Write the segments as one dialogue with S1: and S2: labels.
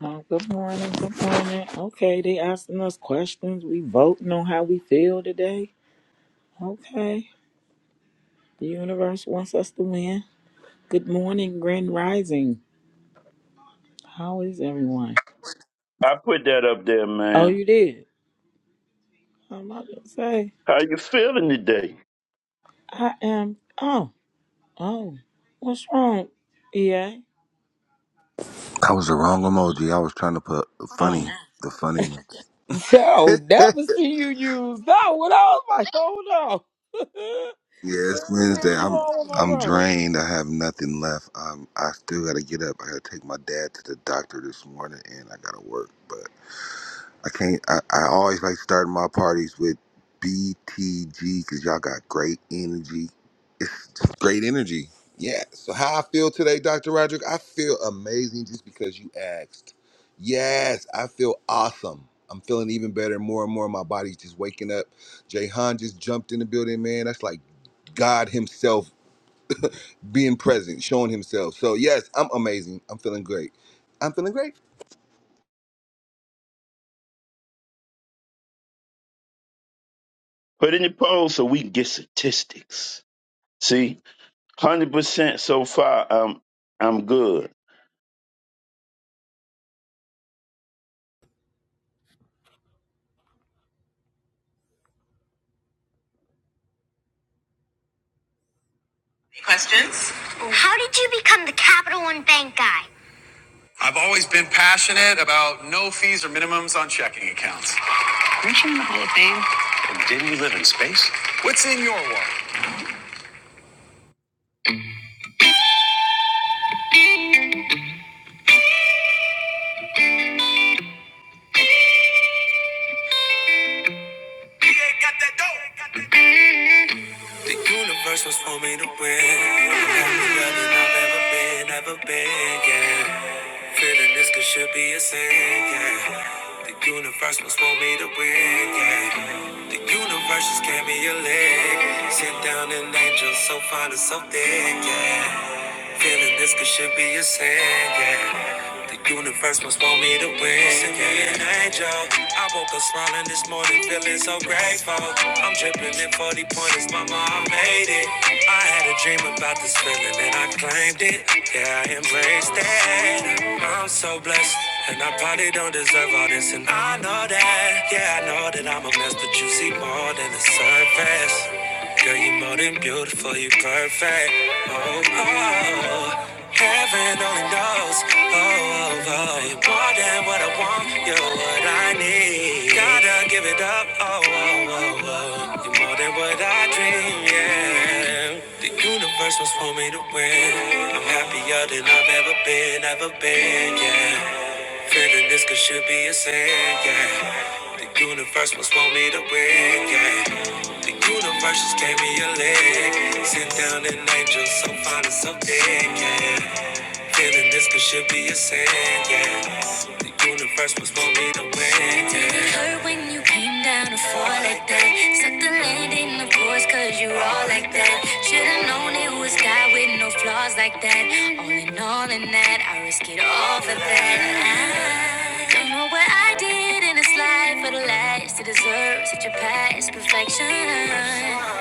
S1: Oh, good morning. Good morning. Okay, they asking us questions. We voting on how we feel today. Okay. The universe wants us to win. Good morning, Grand Rising. How is everyone?
S2: I put that up there,
S1: Oh,
S2: man.
S1: you did. I'm about to say
S2: How you feeling today?
S1: I am. Oh, oh. What's wrong? EA.
S3: That was the wrong emoji. I was trying to put funny,
S1: Oh.
S3: the funny ones.
S1: So
S3: yeah,
S1: never see you use that one. I was like, hold on.
S3: it's
S1: what
S3: Wednesday.
S1: is
S3: I'm
S1: wrong with my
S3: I'm
S1: brother?
S3: drained. I have nothing left. Um, I still gotta get up. I gotta take my dad to the doctor this morning, and I gotta work. I can't. I, I always like starting my parties with BTG because y'all got great energy. It's just great energy. Yeah. So how I feel today, Dr. Roderick? I feel amazing just because you asked. Yes, I feel awesome. I'm feeling even better. More and more, my body's just waking up. Jahan just jumped in the building, man. That's like God Himself being present, showing Himself. So yes, I'm amazing. I'm feeling great. I'm feeling great.
S2: Put in the poll so we can get statistics. See, hundred percent so far. I'm I'm good.
S4: Questions? How did you become the Capital One Bank guy? I've always been passionate about no fees or minimums on checking accounts. Aren't you in the Hall of Fame? What's in your wallet? Got that dope. The universe was for me to win. You got than I've ever been, ever been, yeah. Feeling this could should be a sin, yeah. The universe was for me to win, yeah. The universe just gave me a leg. Sit down and angel so fine and so thick, yeah. Feeling this could should be a sin, yeah. The universe must want me to win. Send me an angel. I woke up smiling this morning, feeling so grateful. I'm dripping in 40 pointers, mama, I made it. I had a dream about this feeling and I claimed it. Yeah, I embraced it. I'm so blessed. And I probably don't deserve all this, and I know that. Yeah, I know that I'm a mess, but you see more than the surface. Girl, you are more than beautiful, you are perfect. Oh, oh, oh. heaven only knows. Oh, oh, oh, you're more than what I want, you're what I need. Gotta give it up. Oh, oh, oh, oh, you're more than what I dream. Yeah, the universe was for me to win. I'm happier than I've ever been, ever been. Yeah. Feeling this could should be a sin, yeah. The universe must want me to win, yeah. The universe just gave me a leg. Sit down and angel, so fine and so dead, yeah. Feeling this could should be a sin, yeah. The universe must want me to win, yeah. It hurt when you came down to fall like that. Suck the landing, of course, cause you all like that. Should've known it was God with no flaws like that. All in all, in that, I risk it all for that. Don't know what I did in this life for the last to deserve such a past perfection.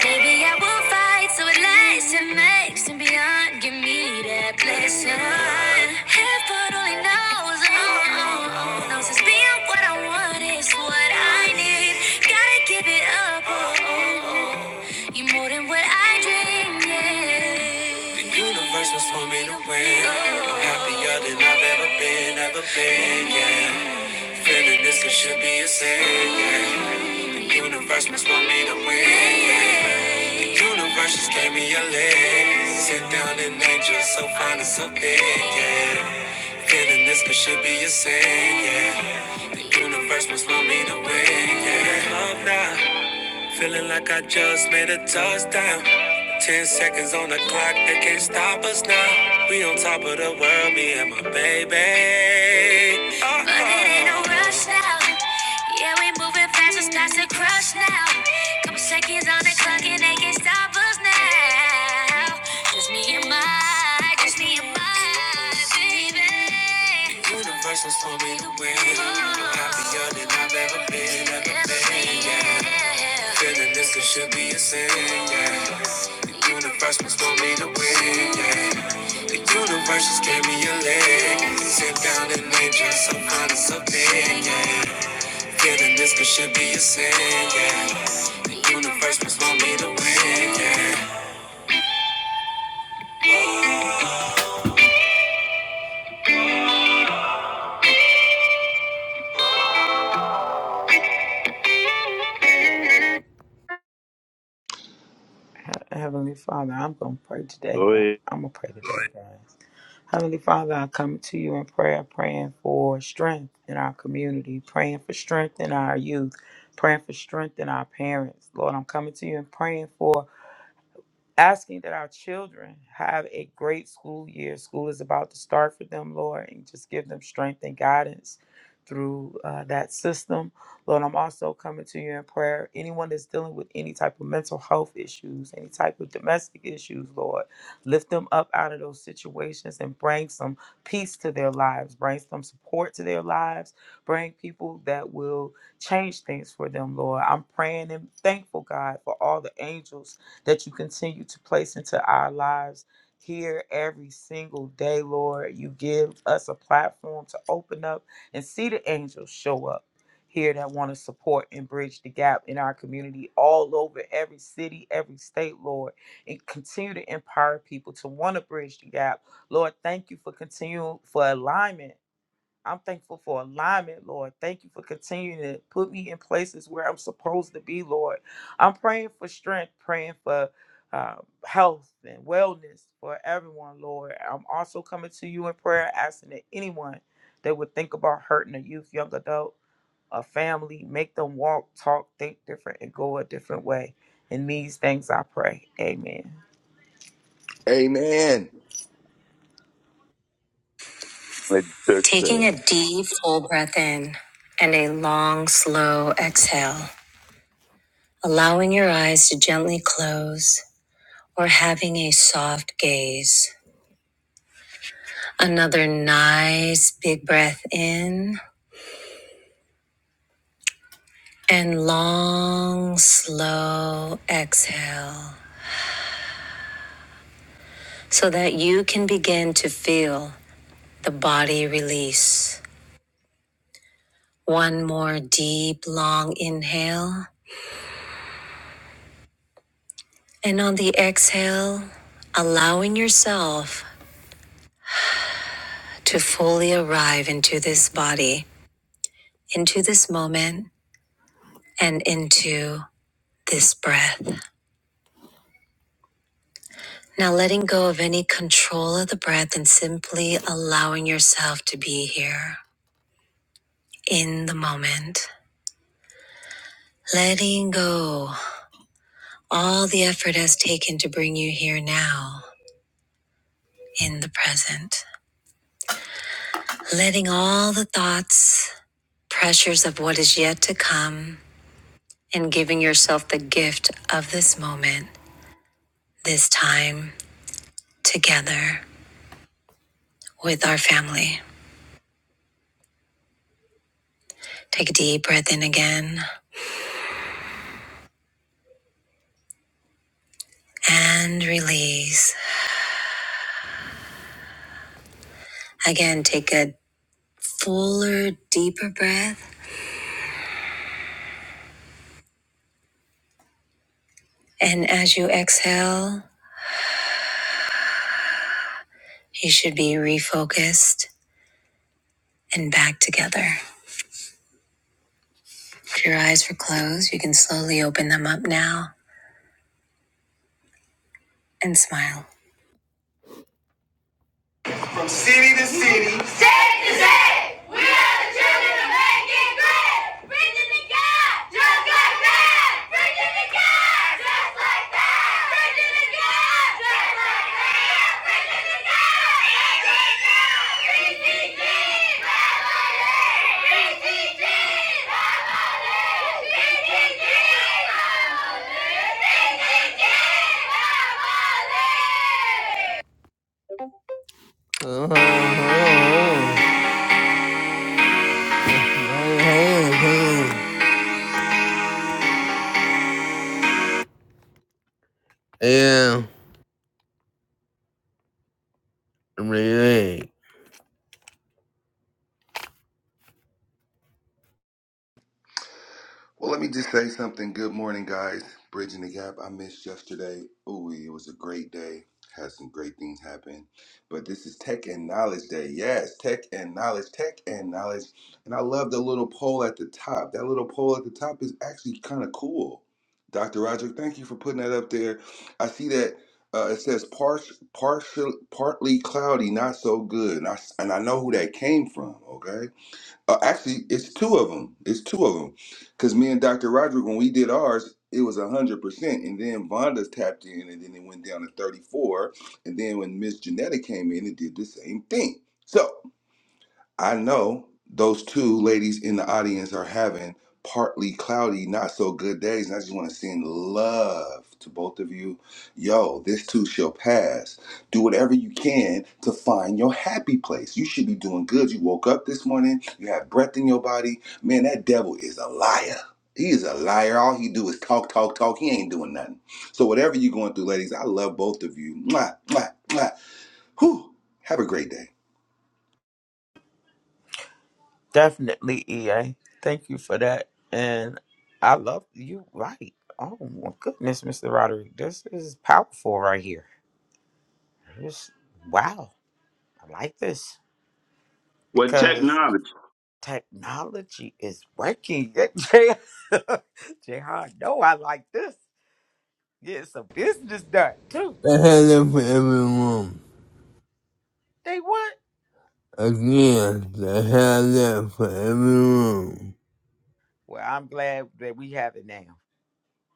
S4: Maybe I will fight so it lasts and makes and beyond. Give me that blessing. Heaven only knows, oh, oh, oh, knows it's being what I want is what I need. Gotta give it up, oh, oh, oh. you more than what I dreamed. Yeah. The universe was for me to win. I'm happier than I've ever been, ever been, yeah. Feeling this could should be a sin. yeah. Universe must want me to win. yeah. Universe just gave me a leg. Sit down and angel so fine and so big. Yeah. Feeling this could should be a sin. Yeah. The universe must want me to win. Yeah. Love now. Feeling like I just made a touchdown. Ten seconds on the clock, they can't stop us now. We on top of the world, me and my baby. Oh, But it ain't no rush now. Yeah, we moving fast, it's starts to crush now. Couple seconds on the clock and they can't stop us now. Just me and my, just me and my baby. The universe was for me to win. I'm happier than I've ever been, ever been. Yeah. Feeling this, it should be a sin, yeah. The universe must want me to win, yeah. The universe just gave me a leg. Sit down and name just some honest opinion, yeah. Feeling this, it should be a sin, yeah. The universe must want me to win, yeah.
S1: He- Heavenly Father, I'm going to pray today.
S2: Go
S1: God.
S2: ahead.
S1: I'm going to pray today, God. Heavenly Father, I come to you in prayer, praying for strength in our community, praying for strength in our youth, praying for strength in our parents. Lord, I'm coming to you and praying for asking that our children have a great school year. School is about to start for them, Lord, and just give them strength and guidance through uh, that system. Lord, I'm also coming to you in prayer. Anyone that's dealing with any type of mental health issues, any type of domestic issues, Lord, lift them up out of those situations and bring some peace to their lives, bring some support to their lives, bring people that will change things for them, Lord. I'm praying and thankful, God, for all the angels that you continue to place into our lives here every single day, Lord. You give us a platform to open up and see the angels show up here that want to support and bridge the gap in our community all over every city, every state, Lord, and continue to empower people to want to bridge the gap. Lord, thank you for continuing for alignment I'm thankful for alignment, Lord. Thank you for continuing to put me in places where I'm supposed to be, Lord. I'm praying for strength, praying for uh, health and wellness for everyone, Lord. I'm also coming to you in prayer, asking that anyone that would think about hurting a youth, young adult, a family, make them walk, talk, think different, and go a different way. In these things I pray. Amen.
S3: Amen.
S2: Let's check
S4: Taking
S2: that.
S4: a deep, full breath in and a long, slow exhale, allowing your eyes to gently close or having a soft gaze. Another nice big breath in and long, slow exhale so that you can begin to feel the body release. One more deep, long inhale. And on the exhale, allowing yourself to fully arrive into this body, into this moment, and into this breath. Now, letting go of any control of the breath and simply allowing yourself to be here in the moment. Letting go all the effort has taken to bring you here now in the present. Letting all the thoughts, pressures of what is yet to come, and giving yourself the gift of this moment, this time together with our family. Take a deep breath in again and release. Again, take a fuller, deeper breath. And as you exhale, you should be refocused and back together. If your eyes were closed, you can slowly open them up now and smile. From city to city. Say, we are great! Bridging the Just like that! Bridging the gap! Just like that! Bridging the gap! Just- Yeah,
S3: Well, let me just say something. Good morning, guys. Bridging the gap. I missed yesterday. Ooh, it was a great day. Had some great things happen. But this is Tech and Knowledge Day. Yes, Tech and Knowledge, Tech and Knowledge. And I love the little poll at the top. That little poll at the top is actually kind of cool. Dr. Roger, thank you for putting that up there. I see that uh, it says par- partial, partly cloudy, not so good. And I, and I know who that came from, okay? Uh, actually, it's two of them. It's two of them. Because me and Dr. Roderick, when we did ours, it was 100%. And then Vonda's tapped in, and then it went down to 34. And then when Miss Janetta came in and did the same thing. So. I know those two ladies in the audience are having partly cloudy, not so good days. And I just want to send love to both of you. Yo, this too shall pass. Do whatever you can to find your happy place. You should be doing good. You woke up this morning, you have breath in your body. Man, that devil is a liar. He is a liar. All he do is talk, talk, talk. He ain't doing nothing. So whatever you going through, ladies, I love both of you. Mwah, mwah, mwah. Whew. Have a great day.
S1: Definitely, EA. Thank you for that. And I love you. Right. Oh my goodness, Mr. Roderick, this is powerful right here. This wow, I like this
S2: Well,
S1: because
S2: technology.
S1: technology is working. Jay, Jay, no, I like this. Get some business done too.
S4: the hell up for everyone.
S1: They what?
S4: Again, the hell up for everyone.
S1: Well, I'm glad that we have it now.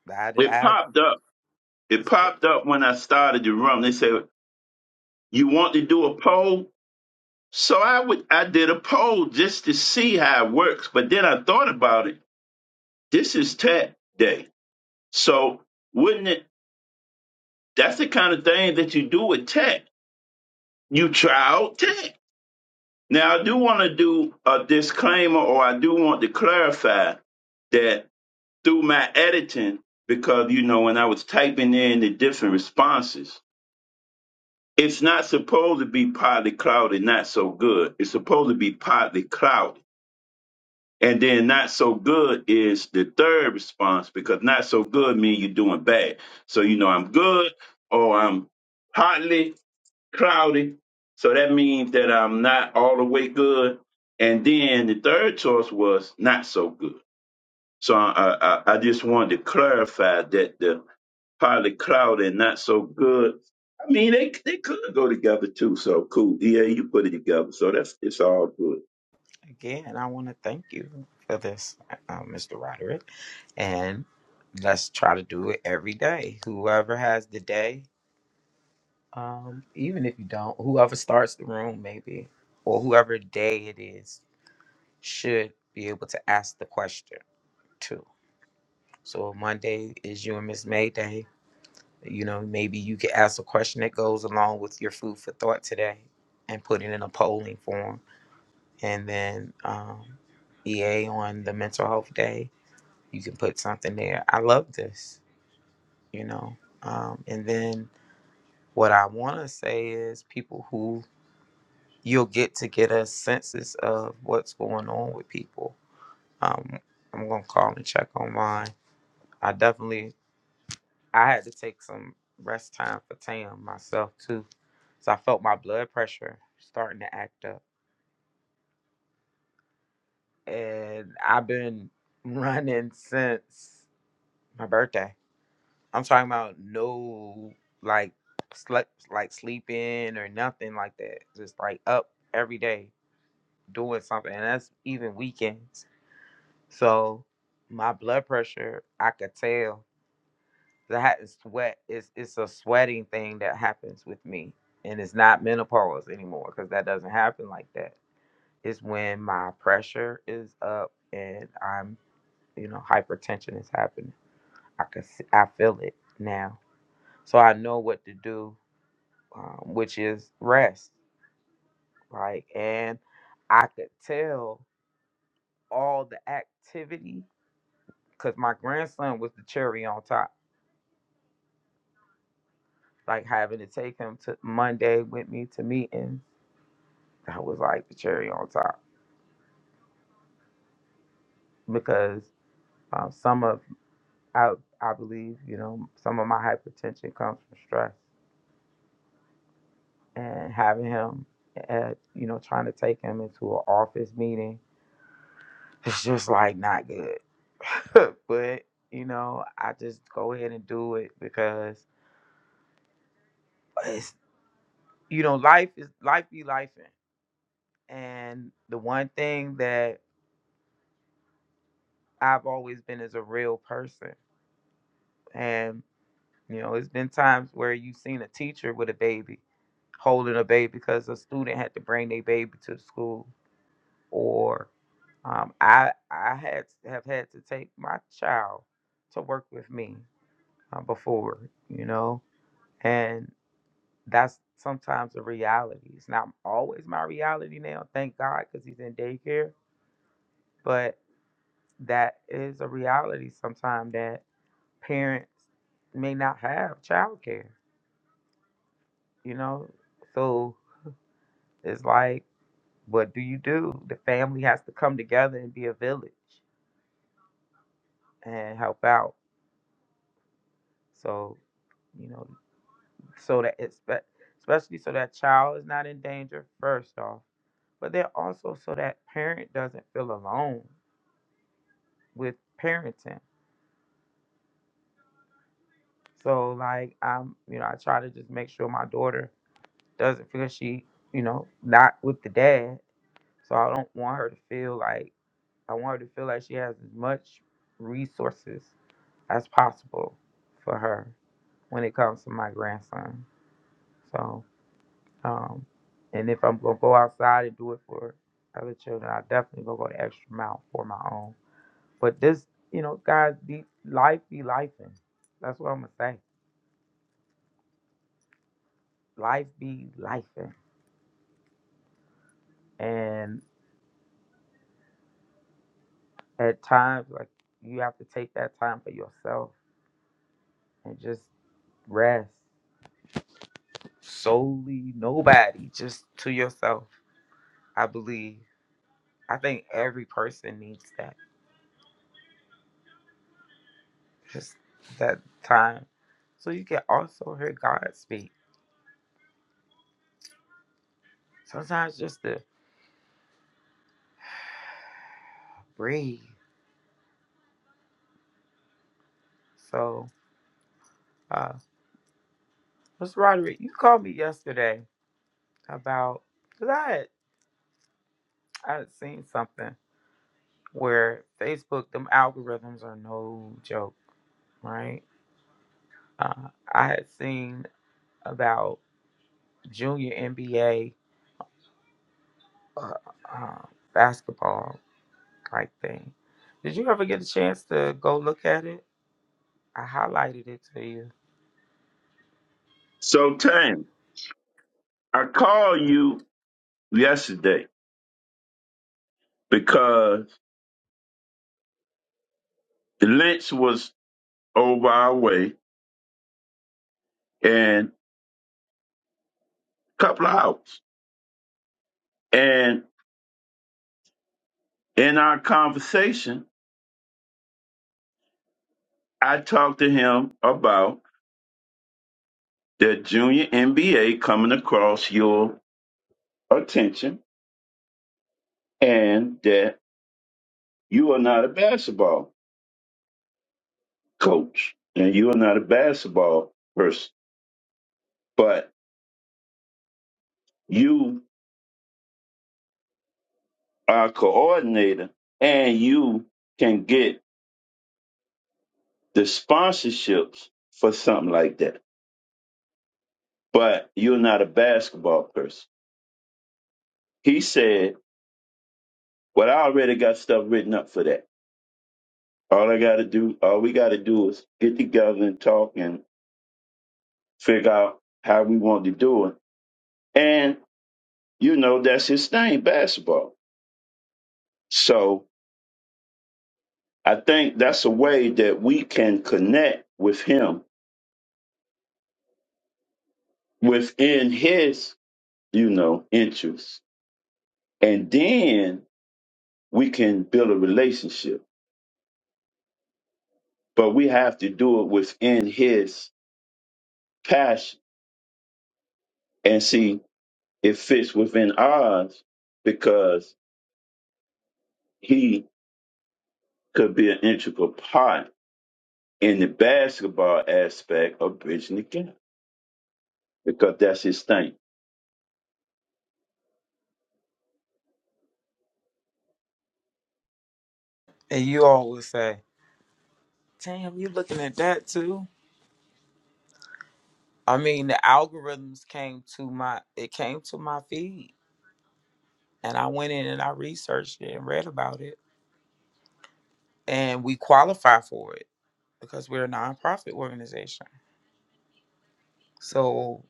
S1: I,
S2: It
S1: I
S2: popped up. It
S1: it's
S2: popped up when I started the room. They said you want to do a poll, so I would. I did a poll just to see how it works. But then I thought about it. This is tech day, so wouldn't it? That's the kind of thing that you do with tech you try out tech. Now, I do want to do a disclaimer, or I do want to clarify that through my editing, because you know, when I was typing in the different responses, it's not supposed to be partly cloudy, not so good. It's supposed to be partly cloudy, And then not so good is the third response because not so good means you're doing bad. So you know I'm good or I'm partly cloudy. So that means that I'm not all the way good. And then the third choice was not so good. So I, I, I just wanted to clarify that the partly cloudy and not so good. I mean, they they could go together too. So cool. Yeah, you put it together. So that's it's all good.
S1: again, I want to thank you for this, uh, Mr. Roderick, and let's try to do it every day. Whoever has the day, um, even if you don't, whoever starts the room, maybe, or whoever day it is, should be able to ask the question too. So Monday is you and Miss Mayday. You know, maybe you could ask a question that goes along with your food for thought today and put it in a polling form. And then um, EA on the mental health day, you can put something there. I love this, you know. Um, and then what I want to say is people who you'll get to get a census of what's going on with people. Um, I'm going to call and check on mine. I definitely I had to take some rest time for Tam myself too. So I felt my blood pressure starting to act up. And I've been running since my birthday. I'm talking about no like slept like sleeping or nothing like that. Just like up every day doing something. And that's even weekends. So my blood pressure I could tell That is sweat. It's it's a sweating thing that happens with me, and it's not menopause anymore because that doesn't happen like that. It's when my pressure is up and I'm, you know, hypertension is happening. I can see, I feel it now, so I know what to do, um, which is rest, right? And I could tell all the activity because my grandson was the cherry on top, like having to take him to Monday with me to meetings That was like the cherry on top because um, some of I I believe you know some of my hypertension comes from stress and having him at you know trying to take him into an office meeting it's just like not good. but you know I just go ahead and do it because it's you know life is life be life and the one thing that I've always been is a real person and You know, it's been times where you've seen a teacher with a baby holding a baby because a student had to bring their baby to the school, or um, I I had have had to take my child to work with me uh, before, you know, and that's sometimes a reality. It's not always my reality now, thank God, because he's in daycare, but that is a reality sometimes that parents may not have childcare, you know, so. It's like, what do you do? The family has to come together and be a village and help out. So, you know, so that it's spe- especially so that child is not in danger first off, but then also so that parent doesn't feel alone with parenting. So like I'm, you know, I try to just make sure my daughter doesn't feel she, you know, not with the dad. So I don't want her to feel like I want her to feel like she has as much resources as possible for her when it comes to my grandson. So, um, and if I'm gonna go outside and do it for other children, I definitely gonna go the extra mile for my own. But this, you know, guys, be life be lifing. That's what I'm gonna say. Life be lifing, and at times like you have to take that time for yourself and just rest. Solely nobody, just to yourself. I believe. I think every person needs that just that time. So you can also hear God speak. Sometimes just to breathe. So, uh, Miss Roderick, you called me yesterday about cause I had I had seen something where Facebook them algorithms are no joke, right? Uh, I had seen about junior NBA uh, uh, um, basketball like thing. Did you ever get a chance to go look at it? I highlighted it to you.
S2: So Tam, I called you yesterday because the lynch was over our way and a couple of hours. And in our conversation, I talked to him about the junior NBA coming across your attention and that you are not a basketball coach and you are not a basketball person, but you are a coordinator and you can get the sponsorships for something like that, but you're not a basketball person. He said, Well, I already got stuff written up for that. All I got to do, all we got to do is get together and talk and figure out how we want to do it. And, you know, that's his thing, basketball. So I think that's a way that we can connect with him within his, you know, interests. And then we can build a relationship. But we have to do it within his passion and see it fits within ours because he could be an integral part in the basketball aspect of bridging the gap. because that's his thing.
S1: And you all would say, "Damn, you looking at that too?" I mean, the algorithms came to my it came to my feed, and I went in and I researched it and read about it, and we qualify for it because we're a nonprofit organization. So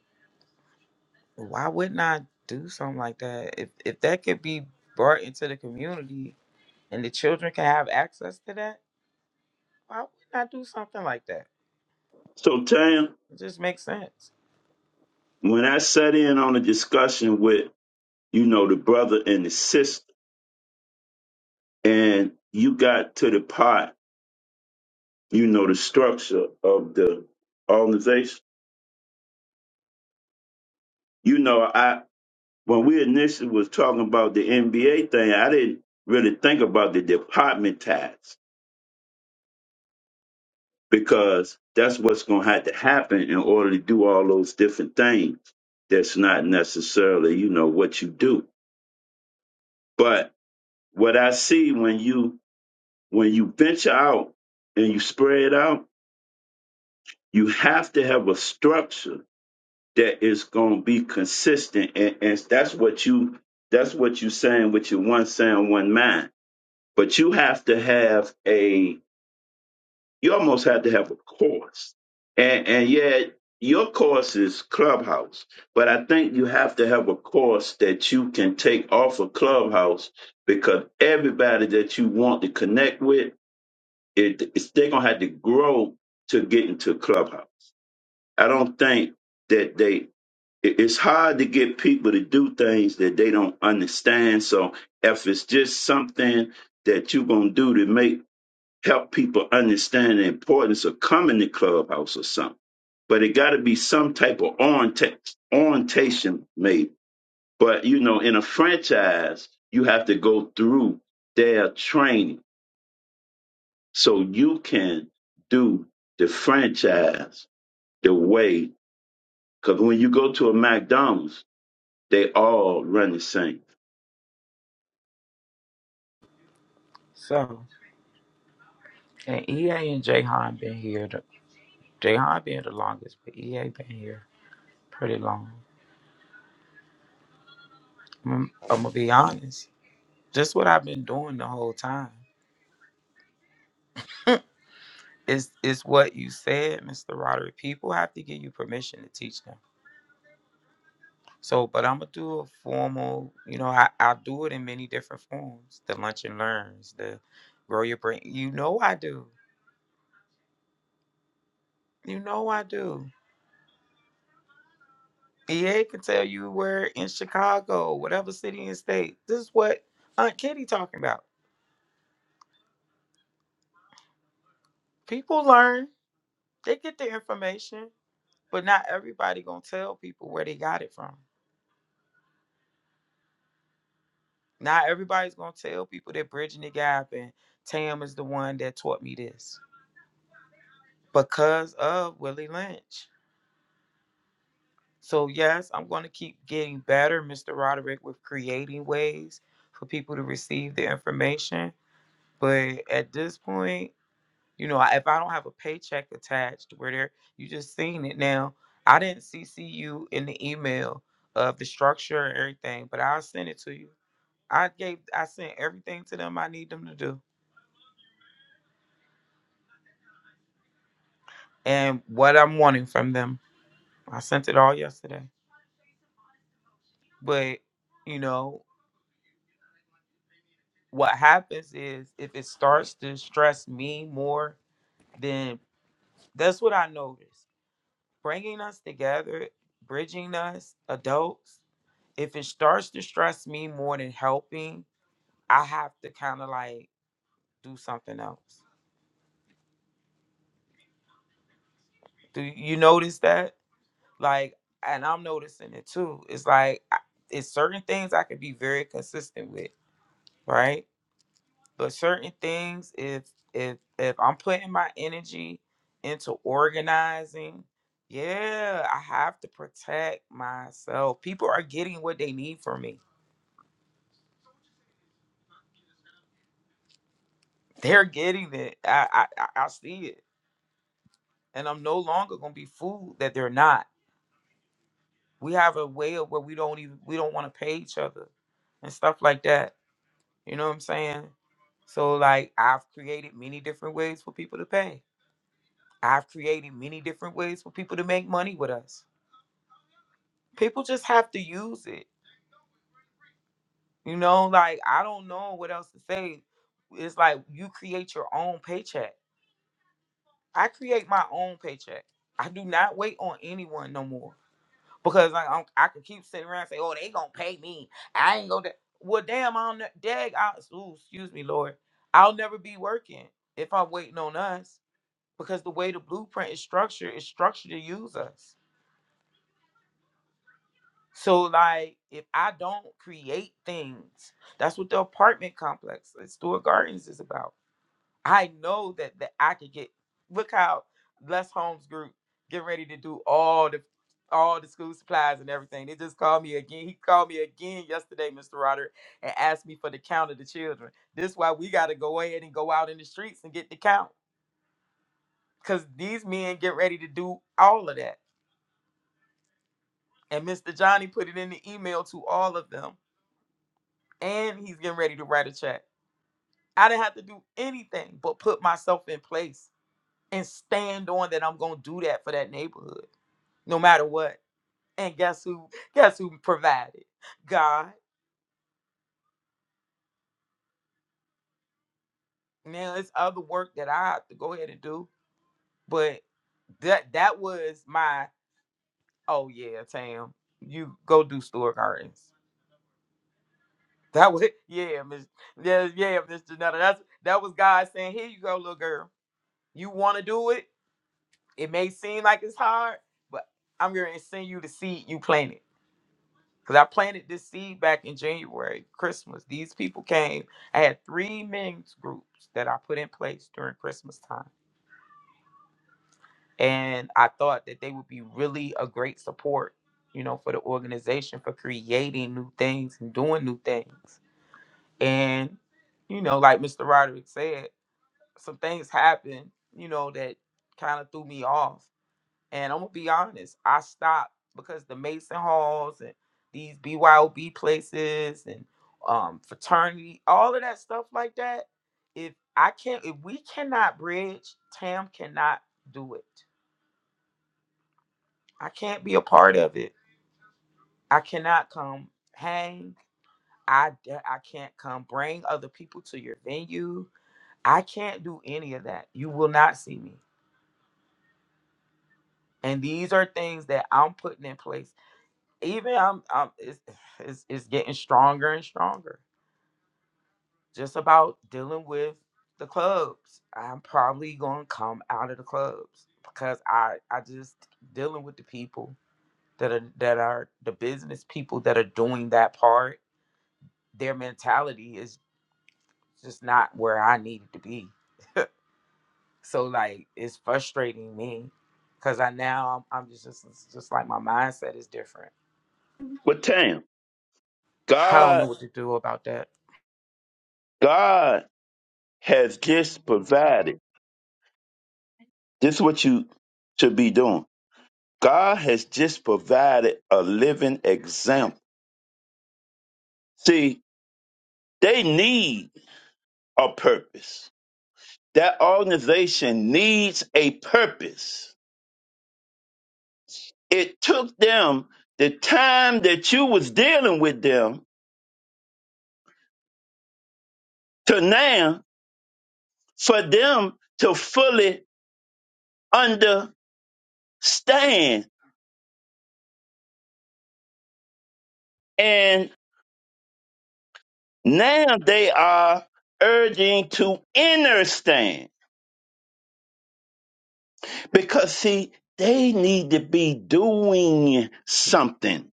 S1: why wouldn't I do something like that? If if that could be brought into the community and the children can have access to that, why wouldn't I do something like that?
S2: So, Tam,
S1: It just makes sense.
S2: when I sat in on a discussion with, you know, the brother and the sister, and you got to the part, you know, the structure of the organization, you know, I when we initially was talking about the NBA thing, I didn't really think about the department ties because that's what's going to have to happen in order to do all those different things. That's not necessarily, you know, what you do. But what I see when you When you venture out and you spread out, you have to have a structure that is going to be consistent, and, and that's what you that's what you saying with your one sound, one mind. But you have to have a you almost have to have a course, and and yet your course is Clubhouse. But I think you have to have a course that you can take off of Clubhouse because everybody that you want to connect with it, it's, they're gonna have to grow to get into clubhouse. I don't think that they. it- It's hard to get people to do things that they don't understand. So if it's just something that you're gonna do to make help people understand the importance of coming to clubhouse or something, but it got to be some type of orient- orientation made. But you know, in a franchise, you have to go through their training so you can do the franchise the way. Because when you go to a McDonald's, they all run the same.
S1: So, and EA and Jahan been here. Jayhan been here the longest, but EA been here pretty long. I'm, I'm gonna be honest. Just what I've been doing the whole time is is what you said, Mr. Roderick. People have to give you permission to teach them. So, but I'm gonna do a formal. You know, I I do it in many different forms. The lunch and learns, the grow your brain. You know I do. You know I do. EA can tell you where in Chicago, whatever city and state. This is what Aunt Kitty talking about. People learn They get the information, but not everybody gonna tell people where they got it from. Not everybody's gonna tell people they're bridging the gap and Tam is the one that taught me this because of Willie Lynch. So yes, I'm gonna keep getting better, Mr. Roderick, with creating ways for people to receive the information. But at this point, You know, I- if I don't have a paycheck attached, where there you just seen it now. I didn't CC you in the email of the structure and everything, but I'll send it to you. I gave, I sent everything to them I need them to do, and what I'm wanting from them. I sent it all yesterday. But you know what happens is if it starts to stress me more, then that's what I noticed. bringing us together, bridging us, adults. If it starts to stress me more than helping, I have to kind of like do something else. Do you notice that? Like, and I'm noticing it too. It's like I- it's certain things I could be very consistent with, right? But certain things, if if if I'm putting my energy into organizing, yeah, I have to protect myself. People are getting what they need from me They're getting it. I, I I I see it, and I'm no longer gonna be fooled that they're not. We have a way of where we don't even we don't want to pay each other, and stuff like that. You know what I'm saying? So like I've created many different ways for people to pay. I've created many different ways for people to make money with us. People just have to use it. You know, like I don't know what else to say. It's like you create your own paycheck. I create my own paycheck. I do not wait on anyone no more. because like I'm, I can keep sitting around and say, "Oh, they gonna pay me. I ain't gonna." Da-. Well, damn, I'll ne- dag. I, ooh, excuse me, Lord. I'll never be working if I'm waiting on us because the way the blueprint is structured is structured to use us. So, like, if I don't create things, that's what the apartment complex, at Stewart Gardens, is about. I know that that I could get. Look how Les Holmes Group getting ready to do all the all the school supplies and everything. They just called me again. He called me again yesterday, Mr. Roderick, and asked me for the count of the children. This why we got to go ahead and go out in the streets and get the count because these men get ready to do all of that. And Mr. Johnny put it in the email to all of them, and he's getting ready to write a check. I didn't have to do anything but put myself in place and stand on that I'm gonna do that for that neighborhood. no matter what. And guess who? Guess who provided? God. Now it's other work that I have to go ahead and do, but that that was my oh yeah, Tam, you go do store gardens. That was yeah, Miss yeah yeah, Miss Janetta. That's that was God saying, here you go, little girl. You want to do it? It may seem like it's hard, but I'm going to send you the seed you planted Because I planted this seed back in January, Christmas. These people came. I had three men's groups that I put in place during Christmas time. And I thought that they would be really a great support, you know, for the organization for creating new things and doing new things. And, you know, like Mr. Roderick said, some things happened, you know, that kind of threw me off And I'm gonna be honest, I stopped because the Mason Halls and these BYOB places and um fraternity, all of that stuff like that. If I can't, if we cannot bridge, Tam cannot do it. I can't be a part of it. I cannot come hang. I I d- I can't come bring other people to your venue. I can't do any of that. You will not see me. And these are things that I'm putting in place even I'm, I'm it's, it's it's getting stronger and stronger. Just about dealing with the clubs. I'm probably gonna come out of the clubs because I I just dealing with the people that are that are the business people that are doing that part. Their mentality is just not where I need it to be. So like it's frustrating me because I now I'm, I'm just, just it's just like my mindset is different.
S2: But Tam,
S1: I don't know
S2: God,
S1: what to do about that.
S2: God has just provided. This is what you should be doing. God has just provided a living example. See, they need a purpose. That organization needs a purpose. It took them the time that you was dealing with them to now for them to fully understand. And now they are urging to understand because, see, they need to be doing something,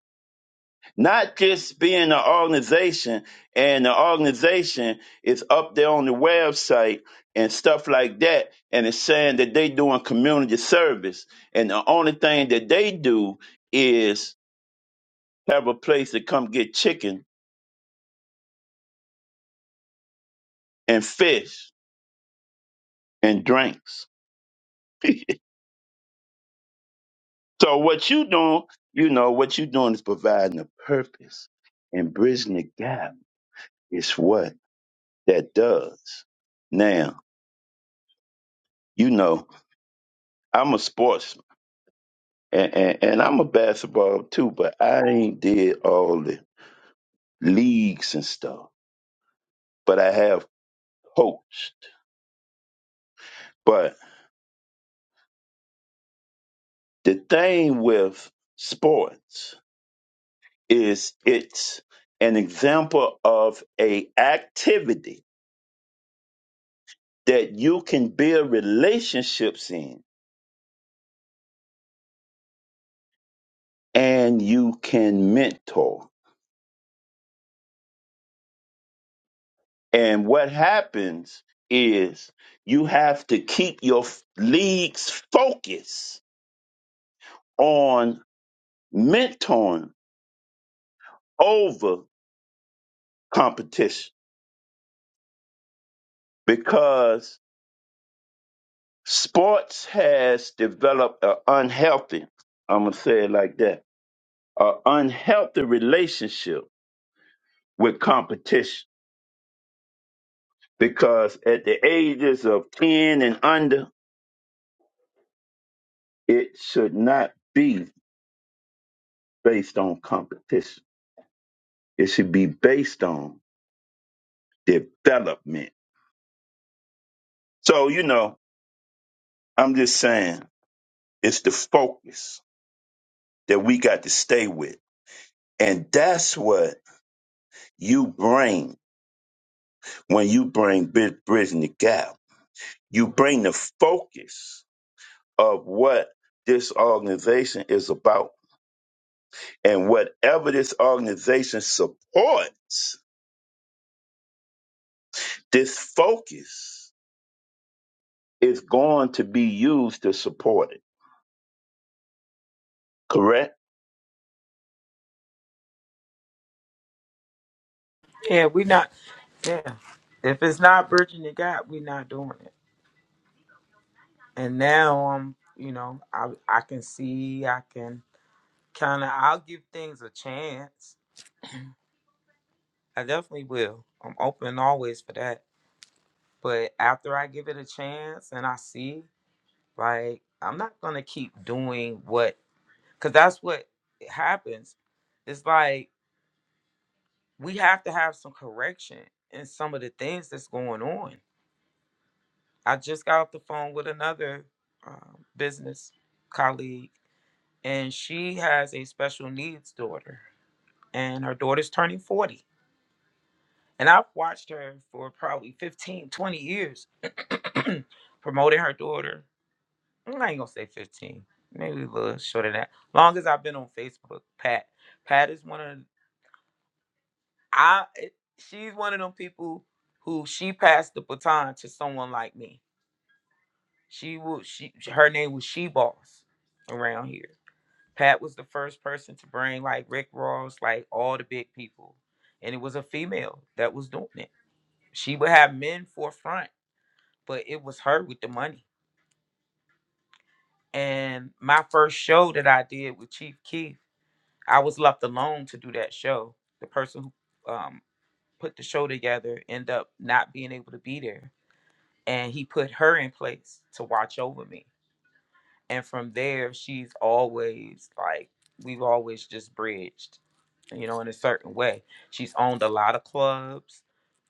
S2: not just being an organization and the organization is up there on the website and stuff like that and it's saying that they doing community service and the only thing that they do is. have a place to come get chicken and fish and drinks. so what you doing, you know, what you doing is providing a purpose and bridging the gap is what that does. Now, you know, I'm a sportsman and, and, and I'm a basketball too, but I ain't did all the leagues and stuff, but I have coached. But the thing with sports is it's an example of a activity that you can build relationships in and you can mentor and what happens is you have to keep your f- league's focus on mentoring over competition because sports has developed an unhealthy i'm going to say it like that an unhealthy relationship with competition because at the ages of 10 and under, it should not be based on competition. It should be based on development. So, you know, I'm just saying it's the focus that we got to stay with. And that's what you bring when you bring Bri- Bridging the Gap. You bring the focus of what this organization is about And whatever this organization supports, this focus is going to be used to support it. Correct?
S1: Yeah, we not. Yeah, if it's not bridging the gap, we not doing it. And now um, you know, I I can see, I can kind of, I'll give things a chance. I definitely will. I'm open always for that. But after I give it a chance and I see, like, I'm not gonna keep doing what, cause that's what happens. It's like we have to have some correction in some of the things that's going on I just got off the phone with another um, business colleague, and she has a special needs daughter, and her daughter's turning 40. And I've watched her for probably 15, 20 years promoting her daughter. I ain't gonna say 15, maybe a little shorter than that. Long as I've been on Facebook, Pat. Pat is one of I. It, She's one of them people who she passed the baton to someone like me She was she her name was She Boss around here. Pat was the first person to bring like Rick Ross, like all the big people. And it was a female that was doing it. She would have men forefront, but it was her with the money. And my first show that I did with Chief Keith, I was left alone to do that show. The person who um, put the show together ended up not being able to be there. And he put her in place to watch over me and from there she's always like we've always just bridged you know in a certain way she's owned a lot of clubs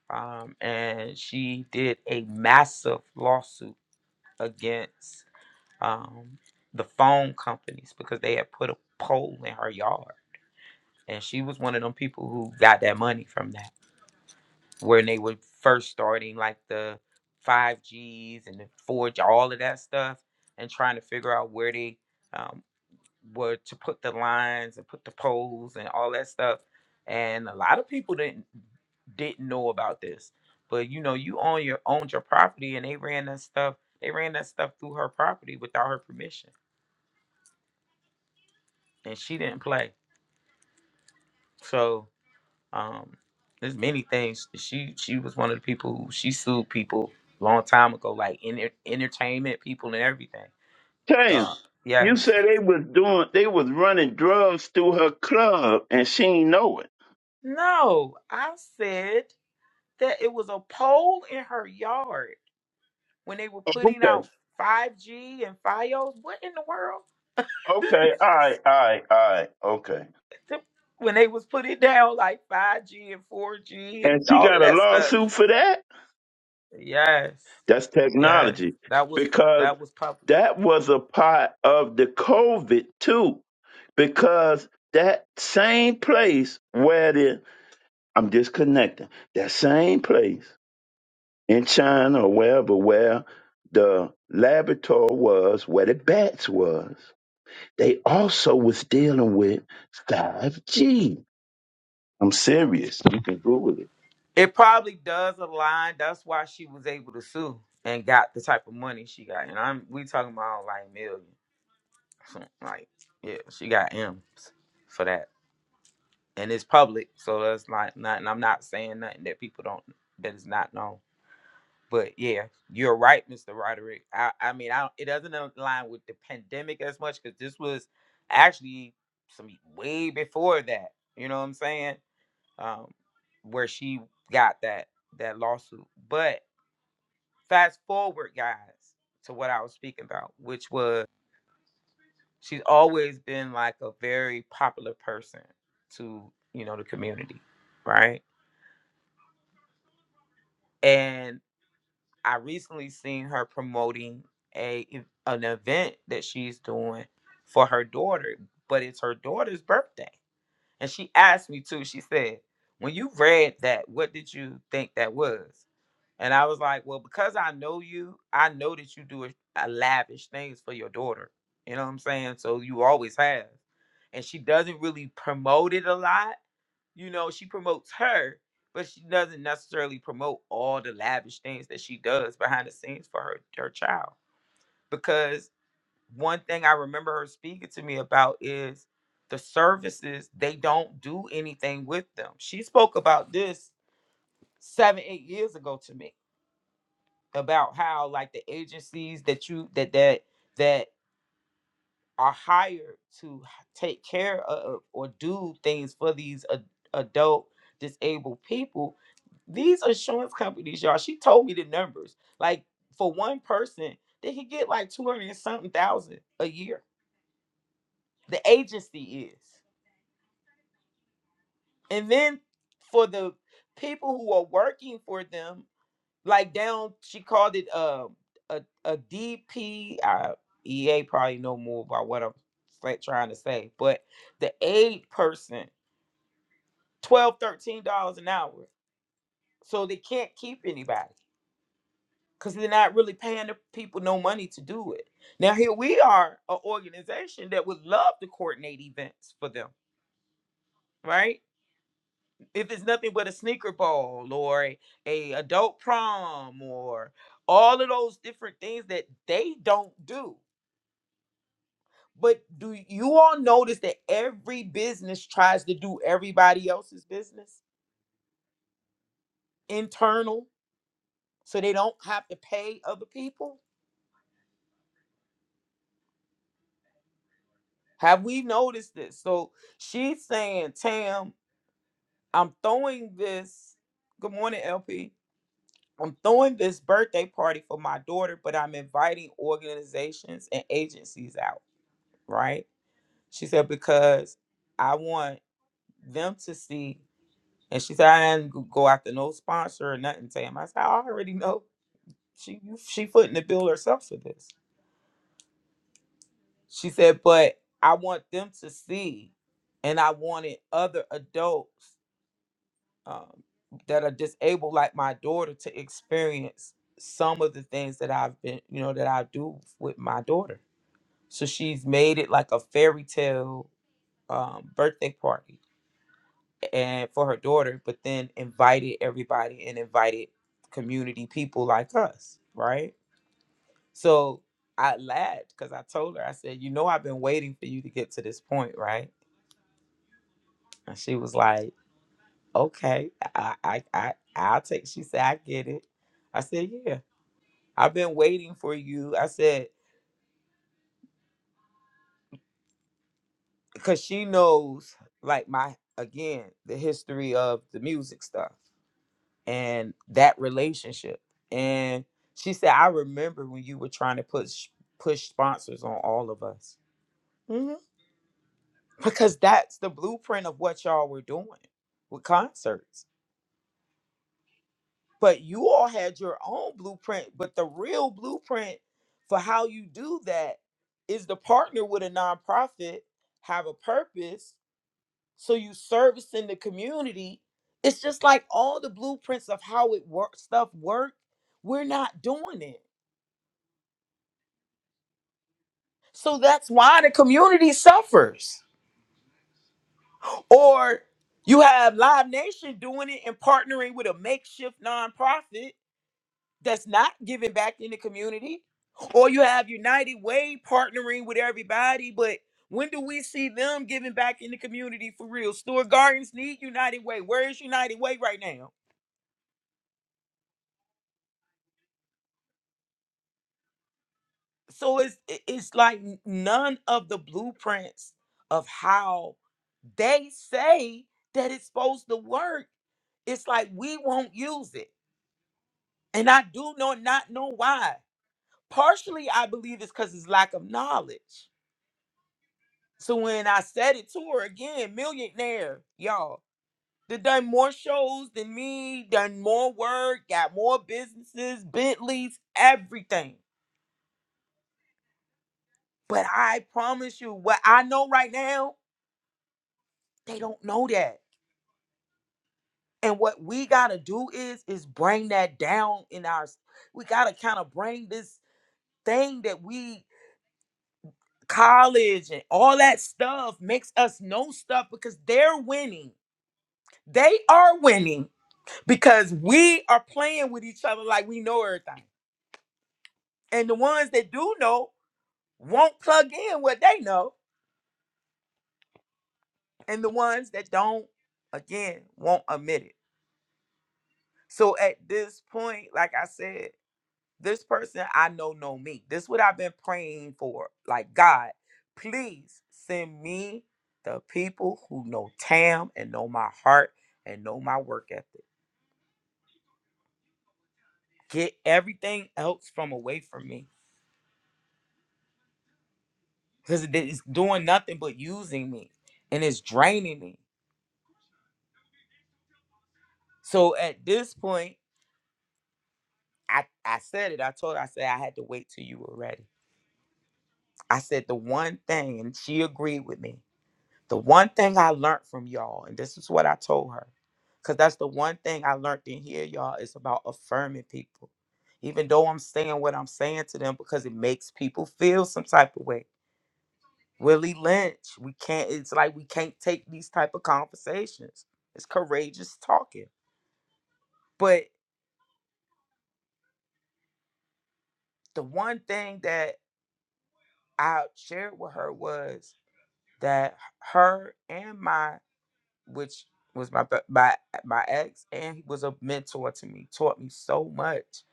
S1: um, and she did a massive lawsuit against um, the phone companies because they had put a pole in her yard and she was one of them people who got that money from that when they were first starting like the 5gs and the 4g all of that stuff and trying to figure out where they um, were to put the lines and put the poles and all that stuff. And a lot of people didn't didn't know about this. But you know, you own your owned your property and they ran that stuff they ran that stuff through her property without her permission. And she didn't play. So um there's many things she she was one of the people who she sued people long time ago, like in entertainment people and everything.
S2: Tam,
S1: Uh, yeah.
S2: you said they was doing they was running drugs through her club and she ain't know it.
S1: No, I said that it was a pole in her yard when they were putting
S2: Okay.
S1: out 5G and FiOS. What in the world?
S2: Okay. All right. All right. All right. Okay.
S1: when they was putting down like 5G and 4G
S2: And
S1: and
S2: she
S1: all
S2: got
S1: of
S2: a
S1: that stuff.
S2: lawsuit for that?
S1: Yes.
S2: That's
S1: Yes.
S2: technology.
S1: That was
S2: Because
S1: that was public.
S2: that was a part of the COVID too, because that same place where the I'm disconnecting, that same place in China or wherever where the laboratory was, where the bats was, they also was dealing with 5G. I'm serious. You can Google it.
S1: It probably does align. That's why she was able to sue and got the type of money she got. And I'm we talking about like millions, So, Like, yeah, she got M's for that. And it's public. So that's like not and I'm not saying nothing that people don't that is not known. But yeah, you're right, Mr. Roderick. I, I mean, I don't, it doesn't align with the pandemic as much because this was actually some way before that. You know what I'm saying? Um, where she got that that lawsuit. But fast forward, guys, to what I was speaking about, which was she's always been like a very popular person to you know the community, right? And. I recently seen her promoting a e, an event that she's doing for her daughter, but it's her daughter's birthday. And she asked me too. She said, "When you read that, what did you think that was?" And I was like, well, because I know you, I know that you do a, a lavish things for your daughter. You know what I'm saying? So you always have. And she doesn't really promote it a lot. You know, she promotes her, but she doesn't necessarily promote all the lavish things that she does behind the scenes for her, her child. Because one thing I remember her speaking to me about is the services, they don't do anything with them. She spoke about this seven, eight years ago to me about how like the agencies that you that that that are hired to take care of or do things for these ad- adult disabled people these insurance companies y'all she told me the numbers like for one person they can get like 200 and something thousand a year the agency is and then for the people who are working for them like down she called it uh, a a DP uh, EA probably know more about what I'm sa- trying to say but the aid person 12 13 dollars an hour so they can't keep anybody because they're not really paying the people no money to do it now here we are an organization that would love to coordinate events for them right if it's nothing but a sneaker ball or a, a adult prom or all of those different things that they don't do But do you all notice that every business tries to do everybody else's business internal so they don't have to pay other people? Have we noticed this? So she's saying, Tam, I'm throwing this. Good morning, LP. I'm throwing this birthday party for my daughter, but I'm inviting organizations and agencies out, right? She said, because I want them to see. And she said, I didn't go after no sponsor or nothing, Tam. I said, I already know she she footing the bill herself for this. She said, but I want them to see, and I wanted other adults um, that are disabled, like my daughter, to experience some of the things that I've been, you know, that I do with my daughter. So she's made it like a fairy tale um, birthday party and for her daughter, but then invited everybody and invited community people like us, right? So I laughed because I told her, I said, you know, I've been waiting for you to get to this point, right? And she was like, okay, I, I, I, I'll take. She said, I get it. I said, yeah, I've been waiting for you. I said, because she knows, like my again, the history of the music stuff. and that relationship. And she said, I remember when you were trying to push push sponsors on all of us. Mhm. Because that's the blueprint of what y'all were doing with concerts. But you all had your own blueprint, but the real blueprint for how you do that is to partner with a nonprofit, have a purpose, so you service in the community. It's just like all the blueprints of how it works stuff work. We're not doing it So that's why the community suffers. Or you have Live Nation doing it and partnering with a makeshift nonprofit that's not giving back in the community. Or you have United Way partnering with everybody, but when do we see them giving back in the community for real? Stewart Gardens need United Way. Where is United Way right now? so it's it- it's like n- none of the blueprints of how they say that it's supposed to work it's like we won't use it and i do know not know why partially i believe it's because it's lack of knowledge so when i said it to her again millionaire y'all that done more shows than me done more work got more businesses bentleys everything but i promise you what i know right now they don't know that and what we got to do is is bring that down in our we got to kind of bring this thing that we college and all that stuff makes us know stuff because they're winning they are winning because we are playing with each other like we know everything and the ones that do know won't plug in what they know and the ones that don't again won't admit it so at this point like i said This person I know know me. This is what I've been praying for. Like God, please send me the people who know Tam and know my heart and know my work ethic. Get everything else from away from me because it's doing nothing but using me and it's draining me. So at this point, I, I said it. I told her, I said, I had to wait till you were ready. I said the one thing, and she agreed with me. The one thing I learned from y'all, and this is what I told her, because that's the one thing I learned in here, y'all, is about affirming people. Even though I'm saying what I'm saying to them because it makes people feel some type of way. Willie Lynch, we can't, it's like we can't take these type of conversations. It's courageous talking. But the one thing that I shared with her was that her and my which was my my my ex, and he was a mentor to me. Taught me so much.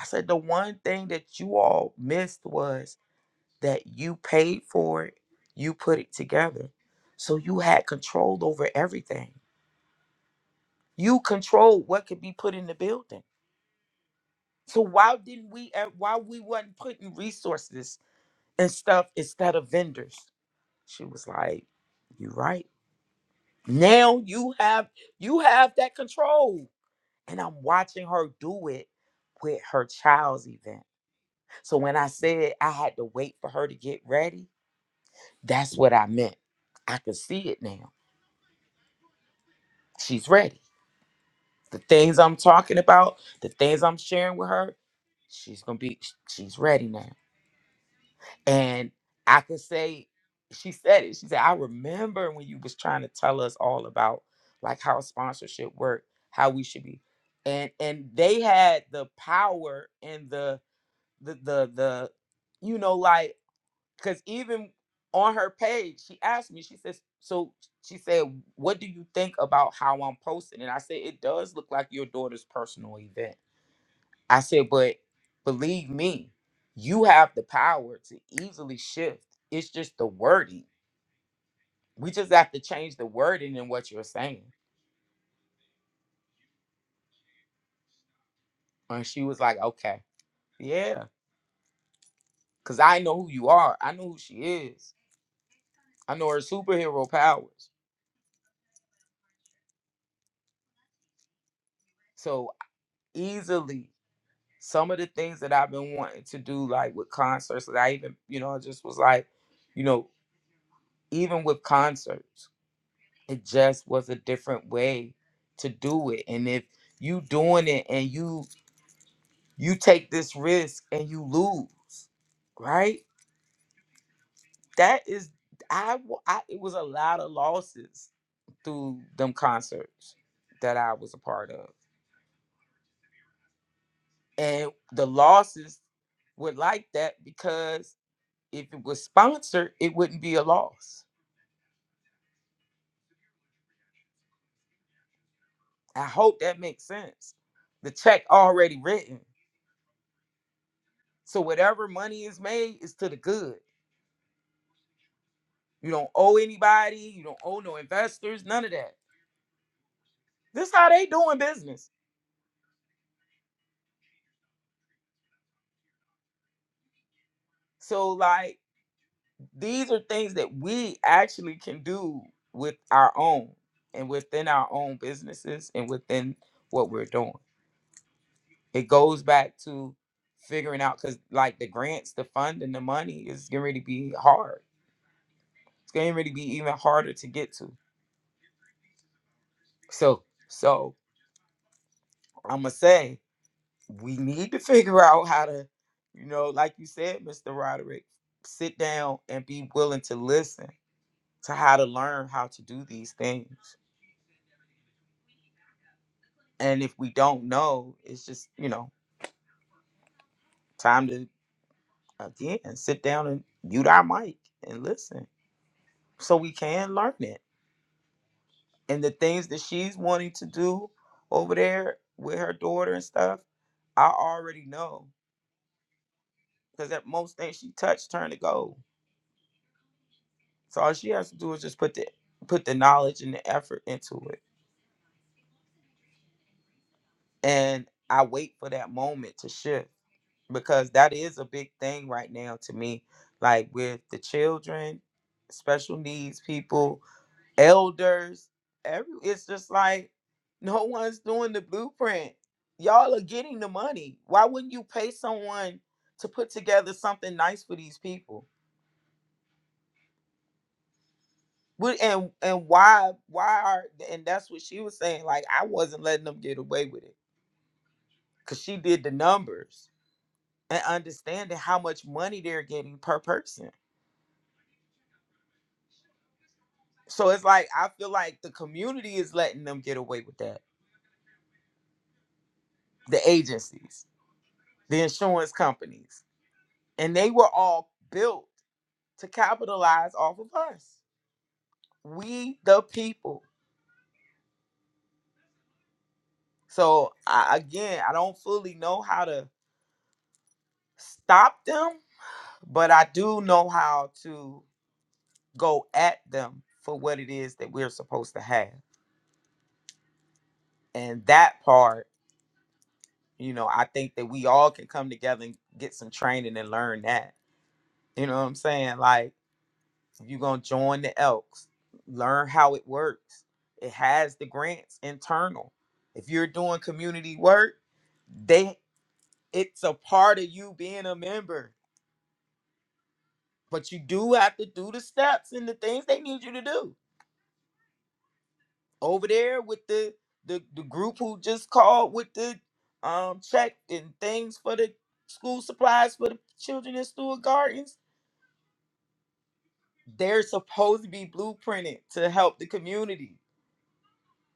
S1: I said the one thing that you all missed was that you paid for it, you put it together, so you had control over everything. You controlled what could be put in the building. So why didn't we? uh, Why we wasn't putting resources and stuff instead of vendors? She was like, "You right. Now you have you have that control." and I'm watching her do it with her child's event. So when I said I had to wait for her to get ready, that's what I meant. I can see it now. She's ready. The things I'm talking about, the things I'm sharing with her, she's gonna be she's ready now. And I could say she said it. She said, I remember when you was trying to tell us all about like how sponsorship worked, how we should be. And and they had the power and the the the the you know like because even on her page she asked me she says so she said what do you think about how i'm posting and i said it does look like your daughter's personal event i said but believe me you have the power to easily shift it's just the wording we just have to change the wording in what you're saying and she was like okay yeah because i know who you are i know who she is i know her superhero powers so easily some of the things that I've been wanting to do, like with concerts, that I even, you know, I just was like, you know, even with concerts, it just was a different way to do it. And if you doing it and you you take this risk and you lose, right? That is, I, w- I it was a lot of losses through them concerts that I was a part of, and the losses were like that because If it was sponsored, it wouldn't be a loss. I hope that makes sense. The check already written. So whatever money is made is to the good. You don't owe anybody, you don't owe no investors, none of that. This is how they doing business. So like these are things that we actually can do with our own and within our own businesses and within what we're doing. It goes back to figuring out because like the grants, the funding, the money is getting ready to be hard. It's getting ready to be even harder to get to. So, so I'ma say we need to figure out how to, you know, like you said, Mr. Roderick, sit down and be willing to listen to how to learn how to do these things. And if we don't know, it's just, you know, time to again sit down and mute our mic and listen. So we can learn it. And the things that she's wanting to do over there with her daughter and stuff, I already know because at most things she touched turn to gold. So all she has to do is just put the put the knowledge and the effort into it. And I wait for that moment to shift because that is a big thing right now to me. Like with the children, special needs people, elders, every it's just like no one's doing the blueprint. Y'all are getting the money. Why wouldn't you pay someone to put together something nice for these people? Wh- and and why why are and that's what she was saying like i wasn't letting them get away with it because she did the numbers and understanding how much money they're getting per person so it's like i feel like the community is letting them get away with that the agencies the insurance companies and they were all built to capitalize off of us we the people so I, again i don't fully know how to stop them but i do know how to go at them for what it is that we're supposed to have. And that part, you know, I think that we all can come together and get some training and learn that. You know what I'm saying? Like, if you're going to join the Elks, learn how it works. It has the grants internal. If you're doing community work, they it's a part of you being a member, but you do have to do the steps and the things they need you to do over there with the the, the group who just called with the um check and things for the school supplies for the children in Stewart Gardens. They're supposed to be blueprinted to help the community.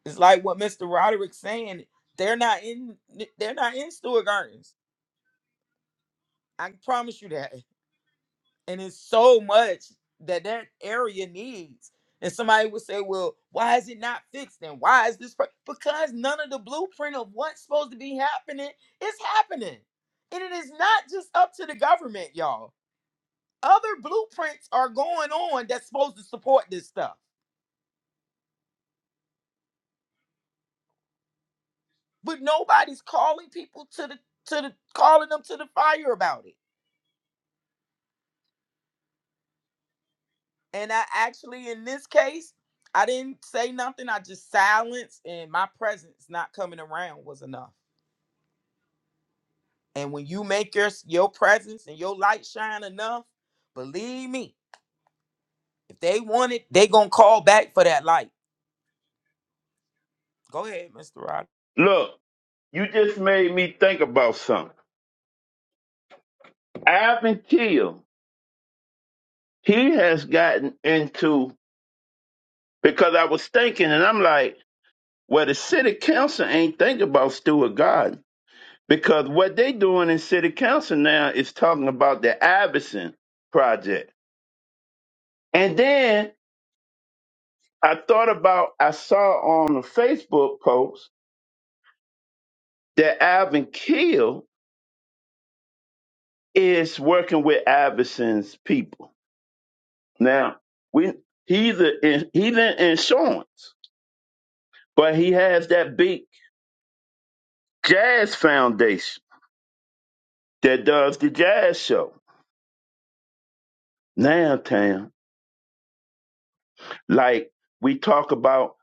S1: It's like what Mr. Roderick's saying. They're not in they're not in Stewart Gardens. I can promise you that. and it's so much that that area needs. And somebody would say, "Well, why is it not fixed? And why is this?" pro-" Because none of the blueprint of what's supposed to be happening is happening, and it is not just up to the government, y'all. Other blueprints are going on that's supposed to support this stuff, but nobody's calling people to the to the calling them to the fire about it. And I actually, in this case, I didn't say nothing. I just silenced, and my presence not coming around was enough. And when you make your your presence and your light shine enough, believe me, if they want it, they gonna call back for that light. Go ahead, Mr. Rod.
S2: Look, you just made me think about something. Alvin Kill he has gotten into because I was thinking, and I'm like, well, the city council ain't thinking about Stewart Garden because what they doing in city council now is talking about the Iverson project. And then I thought about I saw on a Facebook post that Alvin Keel is working with Iverson's people. Now we he's a, he's in insurance, but he has that big jazz foundation that does the jazz show. Now, Tam, like we talk about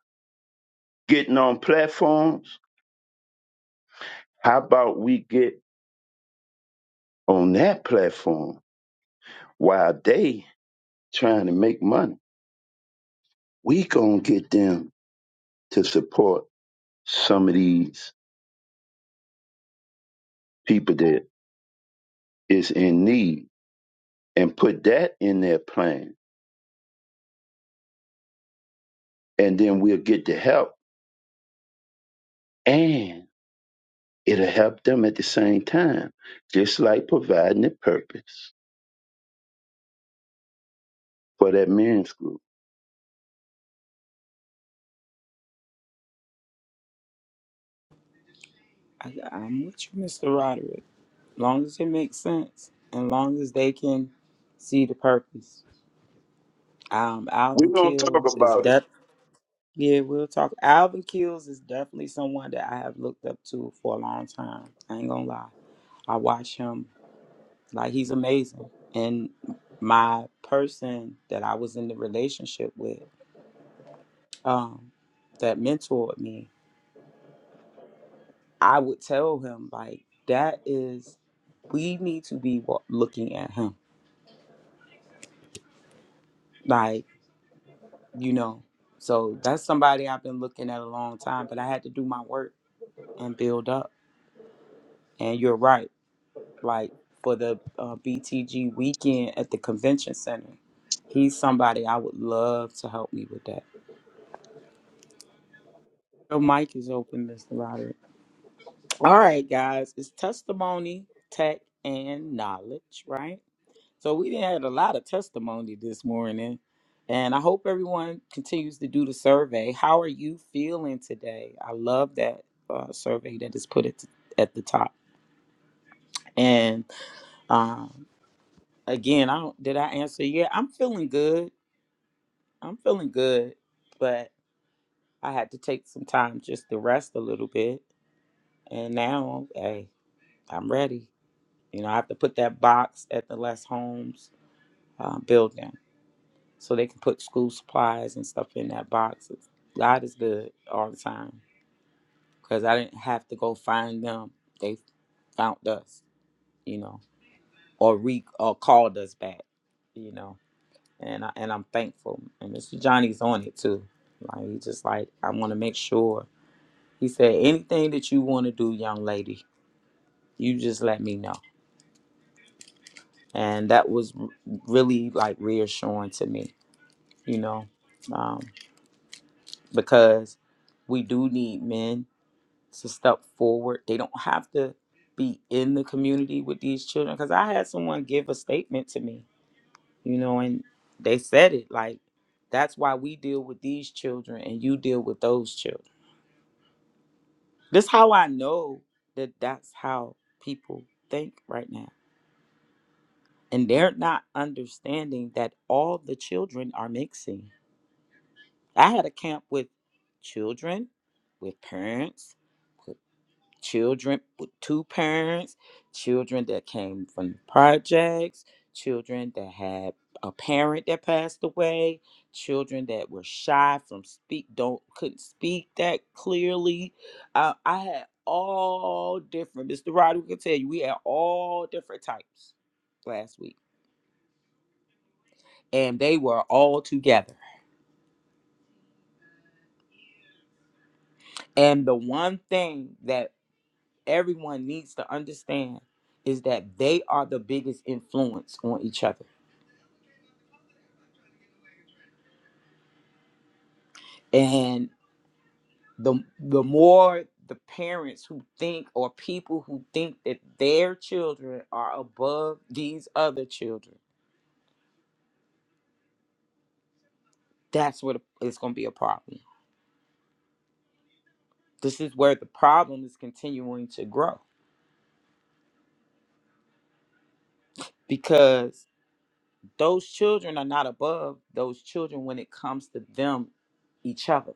S2: getting on platforms, how about we get on that platform while they trying to make money? We gonna get them to support some of these people that is in need and put that in their plan, and then we'll get the help and it'll help them at the same time, just like providing a purpose for that men's group.
S1: I, I'm with you, Mr. Roderick. Long as it makes sense, and long as they can see the purpose. Um,
S2: We're
S1: Alvin
S2: gonna talk
S1: Kills is
S2: about it.
S1: Yeah, we'll talk. Alvin Kills is definitely someone that I have looked up to for a long time. I ain't gonna lie. I watch him like he's amazing. And my person that I was in the relationship with, um, that mentored me, I would tell him like that is we need to be wa- looking at him. Like, you know, so that's somebody I've been looking at a long time, but I had to do my work and build up. And you're right. like for the uh, BTG weekend at the convention center. He's somebody I would love to help me with that. Your mic is open, Mr. Roderick. All right, guys, it's testimony, tech, and knowledge, right? So we done had a lot of testimony this morning, and I hope everyone continues to do the survey. How are you feeling today? I love that uh, survey that is put at, at the top. And um, again, I don't, did I answer? Yeah, I'm feeling good. I'm feeling good, but I had to take some time just to rest a little bit. And now, hey, I'm ready. You know, I have to put that box at the Les Holmes uh, building so they can put school supplies and stuff in that box. God is good all the time because I didn't have to go find them. They found us, you know, or re or called us back, you know. And I, and I'm thankful. And Mr. Johnny's on it too. Like he just like I want to make sure. He said, anything that you want to do, young lady, you just let me know. And that was r- really like reassuring to me, you know, um, because we do need men to step forward. They don't have to be in the community with these children. Because I had someone give a statement to me, you know, and they said it like, that's why we deal with these children and you deal with those children. This how I know that that's how people think right now and they're not understanding that all the children are mixing. I had a camp with children, with parents, with children with two parents, children that came from the projects, children that had a parent that passed away, children that were shy from speak don't couldn't speak that clearly. Uh, I had all different. Mr. Roddy can tell you we had all different types last week and they were all together. And the one thing that everyone needs to understand is that they are the biggest influence on each other. And the the more the parents who think or people who think that their children are above these other children, that's where the- it's going to be a problem. This is where the problem is continuing to grow because those children are not above those children when it comes to them each other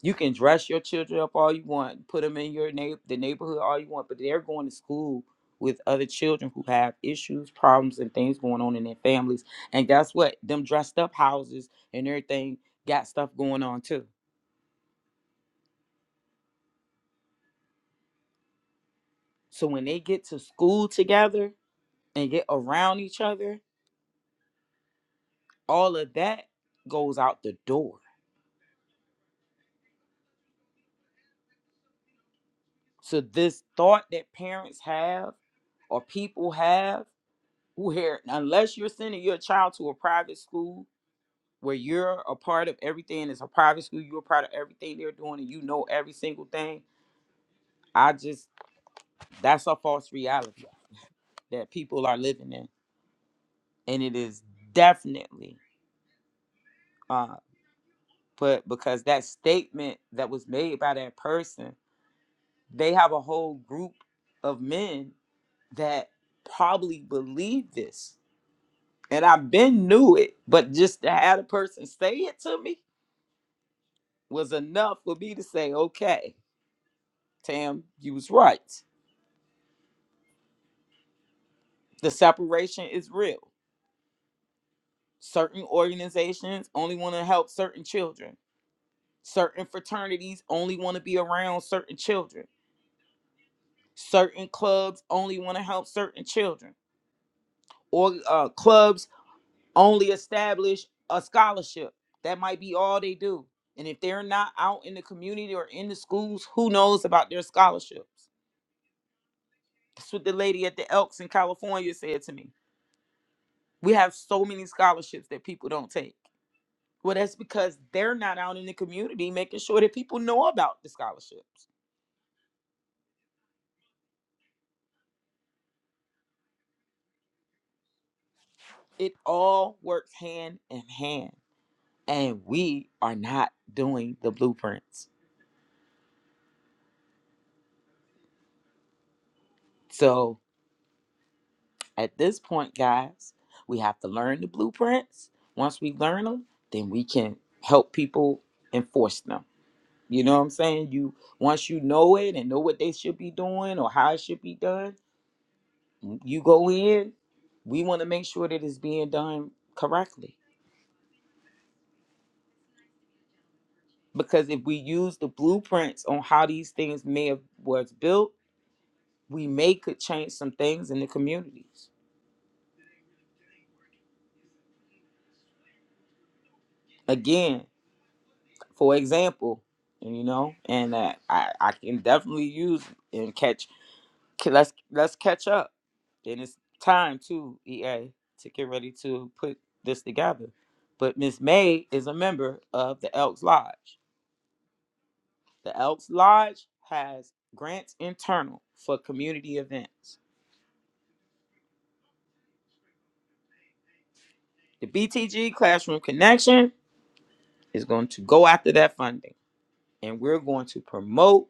S1: You can dress your children up all you want, put them in your neigh- the neighborhood all you want, but they're going to school with other children who have issues, problems, and things going on in their families. And guess what? Them dressed up houses and everything got stuff going on too. So when they get to school together and get around each other, all of that goes out the door. So this thought that parents have or people have where unless you're sending your child to a private school where you're a part of everything. It's a private school. You're a part of everything they're doing, and you know every single thing. I just that's a false reality that people are living in, and it is definitely. Uh, but because that statement that was made by that person, they have a whole group of men that probably believe this, and I've been knew it. But just to have a person say it to me was enough for me to say, okay, Tam, you was right The separation is real. Certain organizations only want to help certain children. Certain fraternities only want to be around certain children. Certain clubs only want to help certain children. Or uh, clubs only establish a scholarship. That might be all they do. And if they're not out in the community or in the schools, who knows about their scholarships? That's what the lady at the Elks in California said to me. We have so many scholarships that people don't take Well, that's because they're not out in the community making sure that people know about the scholarships. It all works hand in hand, and we are not doing the blueprints. So at this point, guys, we have to learn the blueprints. Once we learn them, then we can help people enforce them. You know what I'm saying? You once you know it and know what they should be doing or how it should be done, you go in. We want to make sure that it's being done correctly because if we use the blueprints on how these things may have was built we may could change some things in the communities again for example and you know and uh, I, I can definitely use and catch ca- let's let's catch up then it's time to ea to get ready to put this together but miss may is a member of the elks lodge the elks lodge has grants internal for community events The BTG Classroom Connection is going to go after that funding, and we're going to promote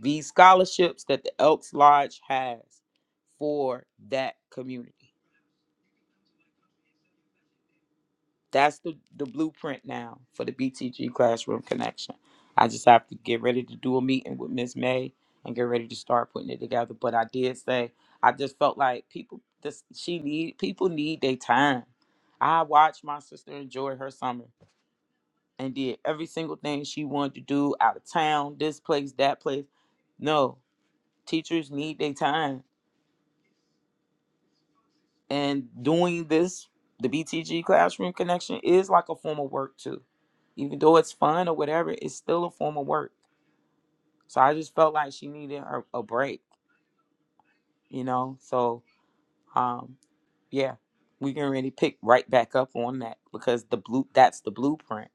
S1: these scholarships that the Elks Lodge has for that community. That's the, the blueprint now for the BTG Classroom Connection. I just have to get ready to do a meeting with Ms. May and get ready to start putting it together. But I did say I just felt like people this she need people need their time. I watched my sister enjoy her summer. and did every single thing she wanted to do out of town, this place, that place. No, teachers need their time. And doing this, the BTG classroom connection is like a form of work too. Even though it's fun or whatever, it's still a form of work. So I just felt like she needed her a break, you know? So um yeah, we can really pick right back up on that because the blue that's the blueprint.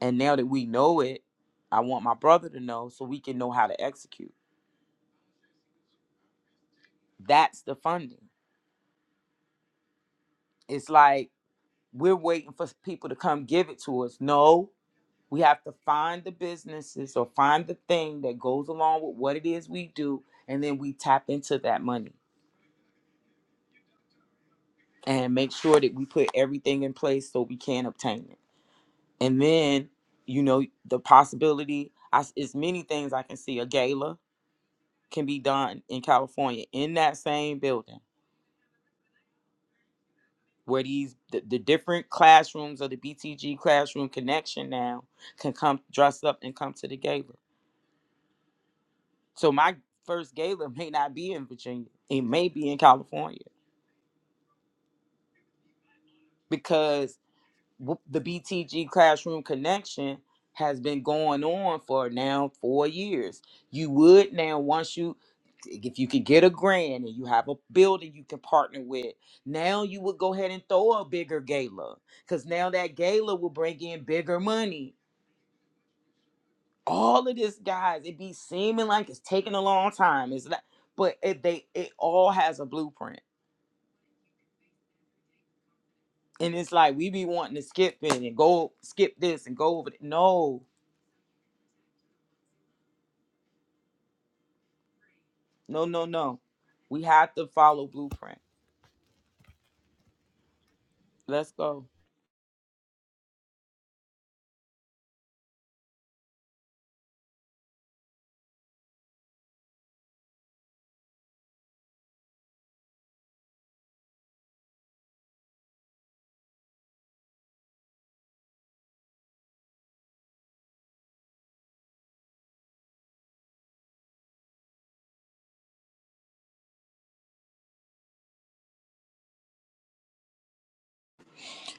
S1: And now that we know it, I want my brother to know so we can know how to execute That's the funding. It's like we're waiting for people to come give it to us. No, we have to find the businesses or find the thing that goes along with what it is we do, and then we tap into that money and make sure that we put everything in place so we can obtain it. And then, you know, the possibility I, s- it's many things I can see. A gala can be done in California in that same building where these the, the different classrooms of the BTG classroom connection now can come dress up and come to the gala. So my first gala may not be in Virginia. It may be in California because w- the BTG classroom connection has been going on for now 4 years. You would now once you if you could get a grant and you have a building you can partner with, now you would go ahead and throw a bigger gala because now that gala will bring in bigger money all of this guys it be seeming like it's taking a long time it's like but it they it all has a blueprint and it's like we be wanting to skip it and go skip this and go over th- no no no no we have to follow blueprint let's go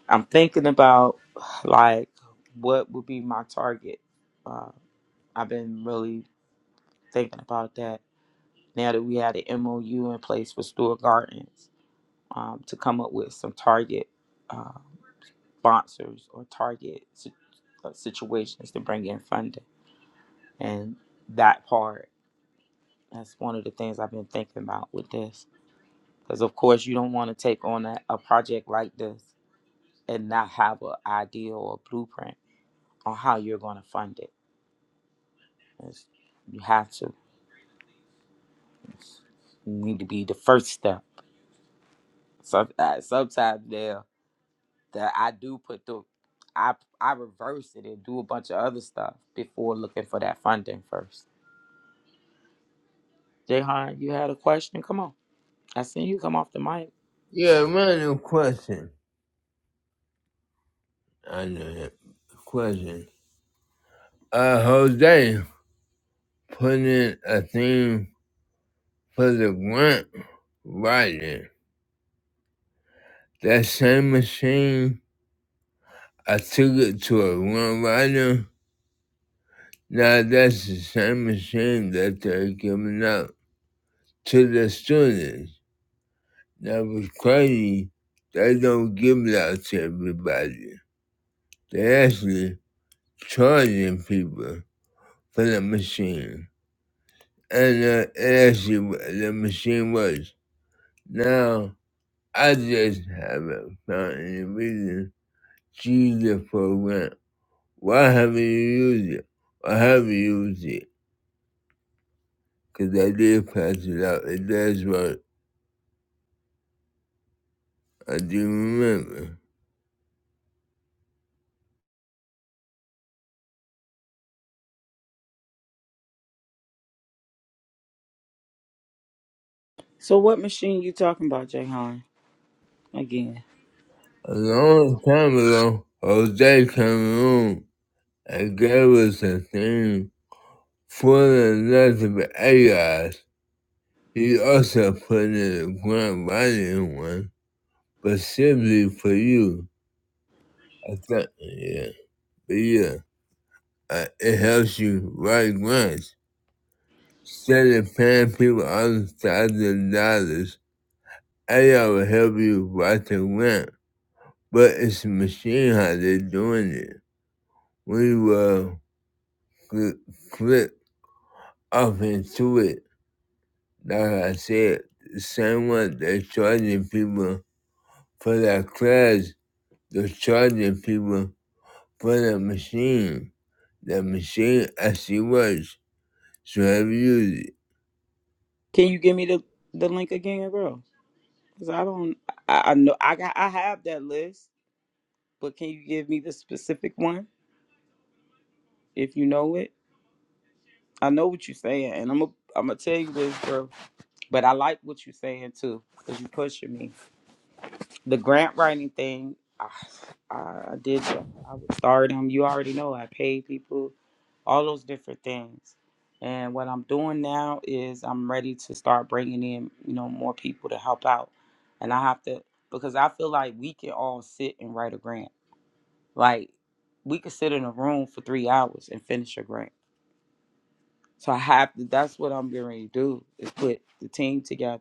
S1: i'm thinking about like what would be my target i've been really thinking about that now that we had an mou in place for Stewart gardens um, to come up with some target uh, sponsors or target si- uh, situations to bring in funding. And that part, that's one of the things I've been thinking about with this. Because, of course, you don't want to take on a, a project like this and not have an idea or a blueprint on how you're going to fund it. It's- you have to. It's- you need to be the first step. Sometimes, sometimes now that I do put the, I, I reverse it and do a bunch of other stuff before looking for that funding first Jayhan, you had a question? Come on. I seen you come off the mic.
S4: Yeah, random question. I know that question. Uh, Jose put in a theme for the grant writing. That same machine, I took it to a grant writer. Now that's the same machine that they're giving out to the students. That was crazy. They don't give it out to everybody. They actually charging people for the machine. and uh, it actually wa- the machine works. Now I just haven't found any reason to use the program. Why haven't you used it? Why have you used it? Because I did pass it out. It does work. I do remember.
S1: So what machine you talking about, Jayhan? Again,
S4: A long time ago, Jose Cameroon and gave us a theme for the nothing but AIs. He also put in a grand volume one, but simply for you. I thought, yeah, but yeah, uh, it helps you write grants. Instead of paying people all thousands of dollars, AI will help you write the grant. But it's a machine how they're doing it. We will click, click off into it. Like I said, the same one they're charging people for that class, they're charging people for the machine. The machine actually works, so have you used it.
S1: can you give me the the link again, bro? Cause I don't, I, I know I got, I have that list, but can you give me the specific one if you know it? I know what you're saying, and I'm i am a. I'm gonna tell you this, bro. But I like what you're saying too, cause you pushing me. the grant writing thing, I, I did. I would start them. You already know I paid people, all those different things. And what I'm doing now is I'm ready to start bringing in, you know, more people to help out. And I have to because I feel like we can all sit and write a grant. Like we could sit in a room for three hours and finish a grant. So I have to. That's what I'm getting ready to do is put the team together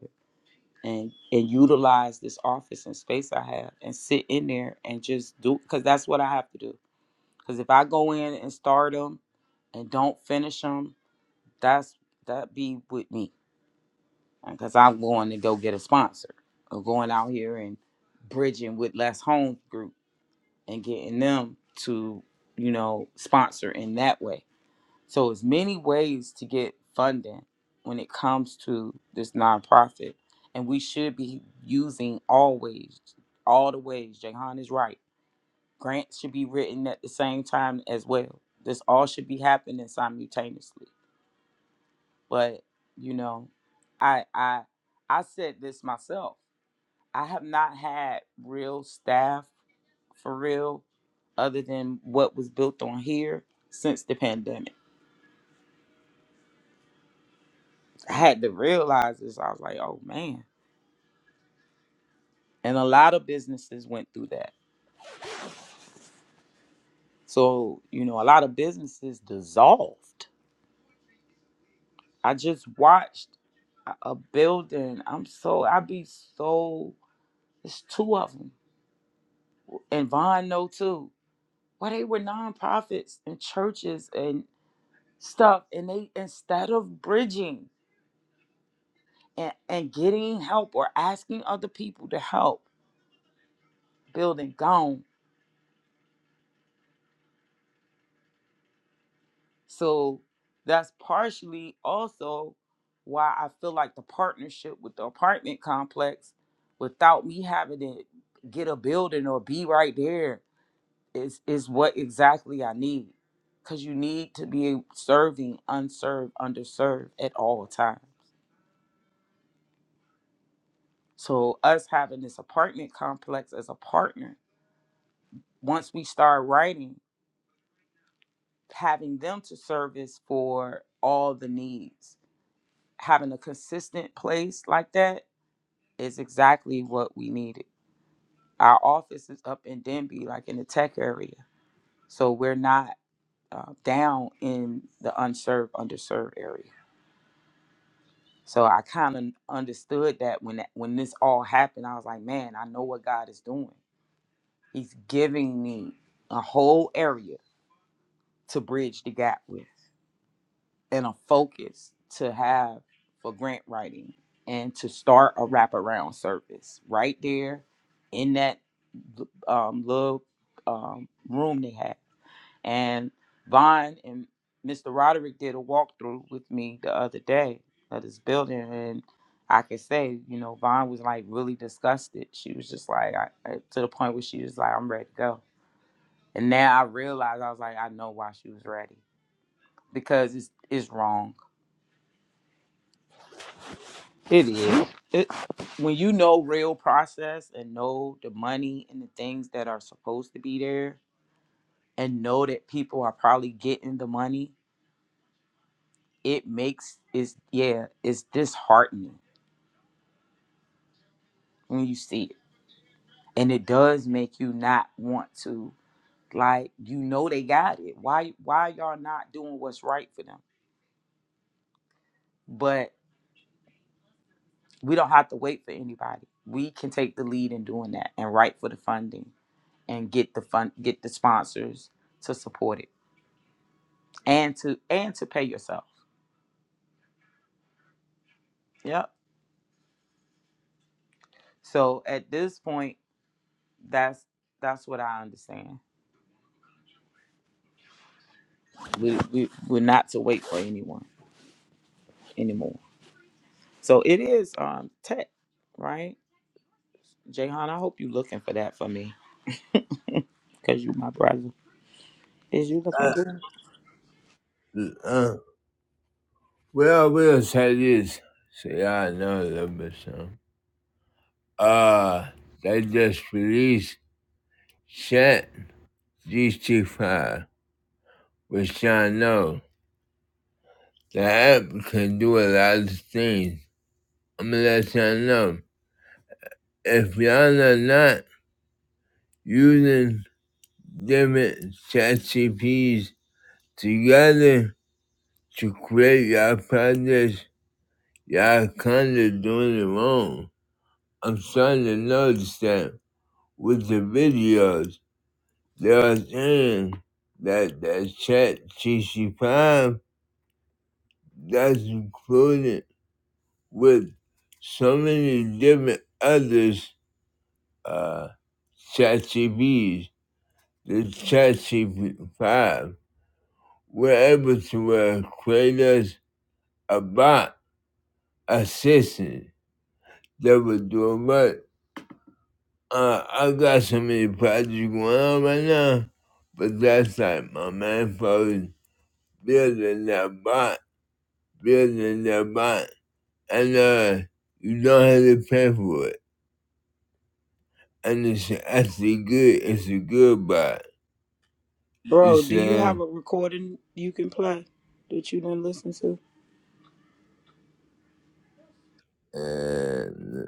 S1: and and utilize this office and space I have and sit in there and just do because that's what I have to do. Because if I go in and start them and don't finish them, that's that be with me because I'm going to go get a sponsor or going out here and bridging with less home group and getting them to you know sponsor in that way so it's many ways to get funding when it comes to this nonprofit, and we should be using all ways, all the ways. Jahan is right. Grants should be written at the same time as well. This all should be happening simultaneously. But you know, I I I said this myself. I have not had real staff for real, other than what was built on here since the pandemic had to realize this. I was like, oh man. And a lot of businesses went through that. So, you know, a lot of businesses dissolved. I just watched a a building. I'm so, i be so, it's two of them. And Vaughn, know too. Well, they were nonprofits and churches and stuff. And they, instead of bridging and, and getting help or asking other people to help, building gone So that's partially also why I feel like the partnership with the apartment complex, without me having to get a building or be right there, is is what exactly I need. Cause you need to be serving unserved, underserved at all times. So us having this apartment complex as a partner, once we start writing, having them to service for all the needs, having a consistent place like that is exactly what we needed. Our office is up in Denby, like in the tech area. So we're not uh, down in the unserved, underserved area. So I kind of understood that when that, when this all happened, I was like, man, I know what God is doing. He's giving me a whole area to bridge the gap with. and a focus to have for grant writing and to start a wraparound service right there in that um, little um, room they had. And Vaughn and Mr. Roderick did a walkthrough with me the other day of this building. And I could say, you know, Vaughn was like really disgusted. She was just like, I, I- to the point where she was like, I'm ready to go. And now I realized, I was like, I know why she was ready because it's, it's wrong It is. It when you know real process and know the money and the things that are supposed to be there and know that people are probably getting the money, it makes is yeah, it's disheartening when you see it. And it does make you not want to like you know they got it. Why why y'all not doing what's right for them? But. we don't have to wait for anybody. We can take the lead in doing that and write for the funding and get the fun, get the sponsors to support it and to and to pay yourself. Yep. So at this point, that's that's what I understand. We we we're not to wait for anyone anymore. So it is um tech, right? Jayhan, I hope you looking for that for me because you my brother. Is you looking
S4: Uh,
S1: for? that?
S4: uh, what I will say this. See, I know a little bit some. Uh, they just released Chat GT5, which I know. The app can do a lot of things. I'm gonna let y'all know. If y'all are not using different chat CPs together to create your projects, y'all kinda doing it wrong. I'm starting to notice that with the videos. They are saying that the chat GC5 that's included with so many different others uh chat the ChatGPT, CP5 were able to uh, create us a bot assistant that would do much. Uh, I got so many projects going on right now, but that's like my main focus building that bond, building that bond, and uh, you don't have to pay for it. And it's actually good. It's a good bond.
S1: Bro,
S4: Just
S1: do you have
S4: saying.
S1: a recording you can play that you didn't listen to?
S4: And,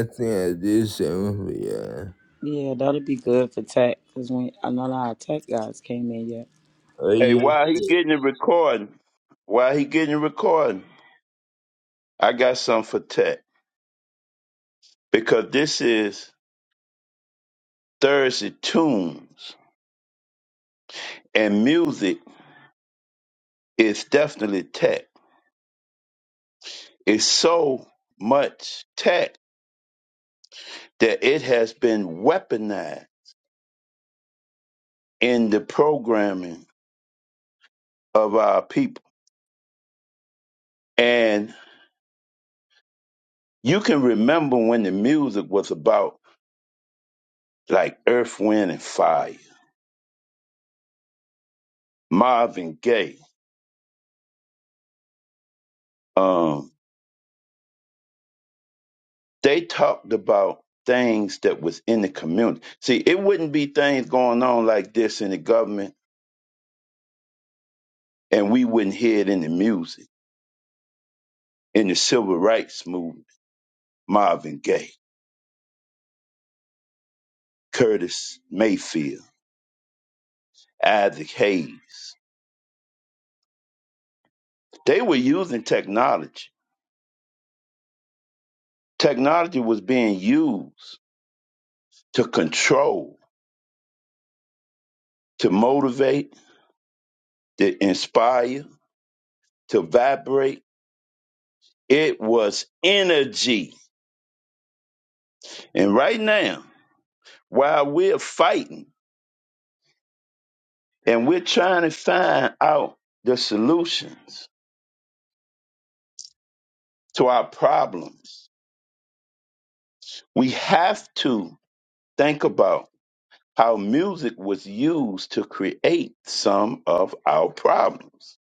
S4: I think I did something for y'all.
S1: Yeah, that'll be good for tech because when none of our tech guys came in yet.
S4: Oh,
S2: Hey,
S4: yeah.
S2: while he getting it recording, while he getting it recording, I got something for Tech because this is Thursday tunes and music is definitely tech. It's so much tech that it has been weaponized in the programming of our people. And you can remember when the music was about like Earth, Wind, and Fire, Marvin Gaye, um, they talked about things that was in the community. See, it wouldn't be things going on like this in the government, and we wouldn't hear it in the music, in the civil rights movement. Marvin Gaye, Curtis Mayfield, Isaac Hayes. They were using technology. Technology was being used to control, to motivate, to inspire, to vibrate. It was energy. And right now, while we're fighting, And we're trying to find out the solutions to our problems. We have to think about how music was used to create some of our problems.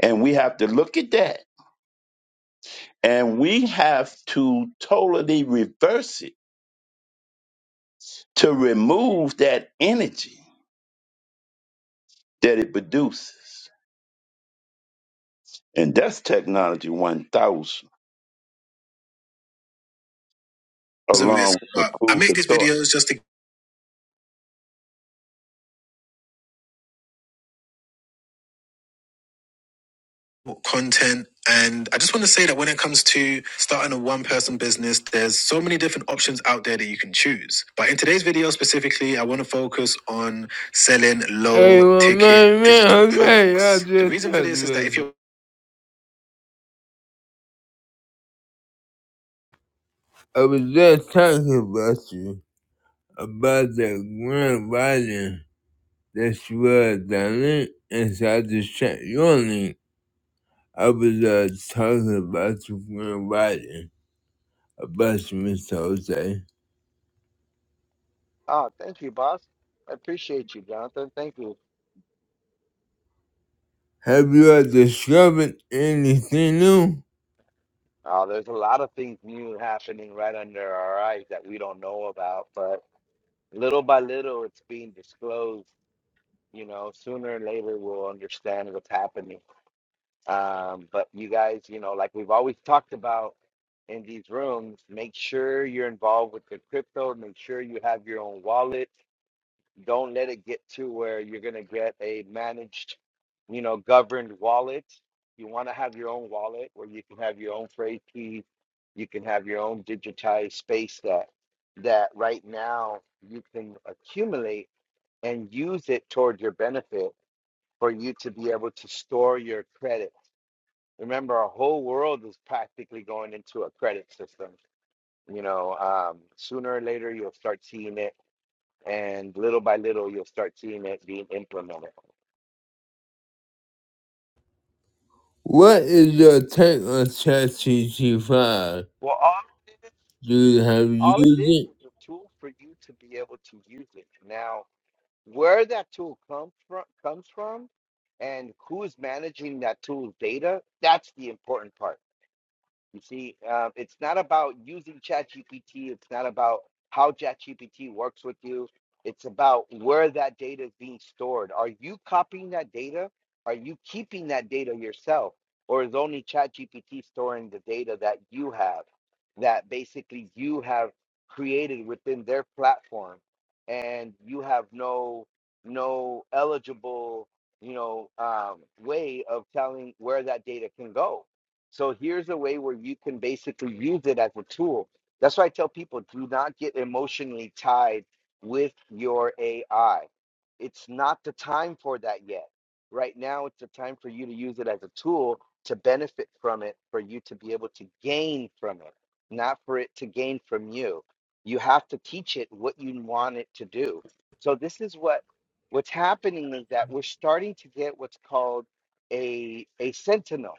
S2: And we have to look at that. And we have to totally reverse it to remove that energy that it produces. And that's Technology 1000,
S4: It's a risk,
S2: along with the
S4: but I
S2: proof
S4: make
S2: for
S4: these
S2: thought.
S4: videos just to content. And I just want to say that when it comes to starting a one person business, there's so many different options out there that you can choose. But in today's video specifically, I want to focus on selling Hey, low well, ticket man, digital okay, products. The reason for this is that if you're I was just talking about you, about that grand writing that you was done and so I just checked your link. I was uh, talking about your grand writing, about you, Mr. Jose.
S5: Oh, thank you, boss. I appreciate you, Jonathan. Thank you.
S4: Have you discovered anything new?
S5: Oh, there's a lot of things new happening right under our eyes that we don't know about, but little by little, it's being disclosed. You know, sooner or later, we'll understand what's happening. Um, but you guys, you know, like we've always talked about in these rooms, make sure you're involved with the crypto, make sure you have your own wallet. Don't let it get to where you're going to get a managed, you know, governed wallet. You want to have your own wallet where you can have your own trade key. You can have your own digitized space that that right now you can accumulate and use it toward your benefit for you to be able to store your credit. Remember, our whole world is practically going into a credit system. You know, um, sooner or later you'll start seeing it and little by little you'll start seeing it being implemented.
S4: What is your take on ChatGPT 5?
S5: Well, all it is,
S4: Do you have used
S5: all it is
S4: it?
S5: is a tool for you to be able to use it. Now, where that tool comes from, comes from, and who's managing that tool's data, that's the important part. You see, um, it's not about using ChatGPT. It's not about how ChatGPT works with you. It's about where that data is being stored. Are you copying that data? Are you keeping that data yourself? Or is only ChatGPT storing the data that you have, that basically you have created within their platform, and you have no no eligible, you know, um, way of telling where that data can go so here's a way where you can basically use it as a tool. That's why I tell people do not get emotionally tied with your AI. It's not the time for that yet. Right now, it's the time for you to use it as a tool to benefit from it, for you to be able to gain from it, not for it to gain from you. You have to teach it what you want it to do. So this is what what's happening is that we're starting to get what's called a a sentinel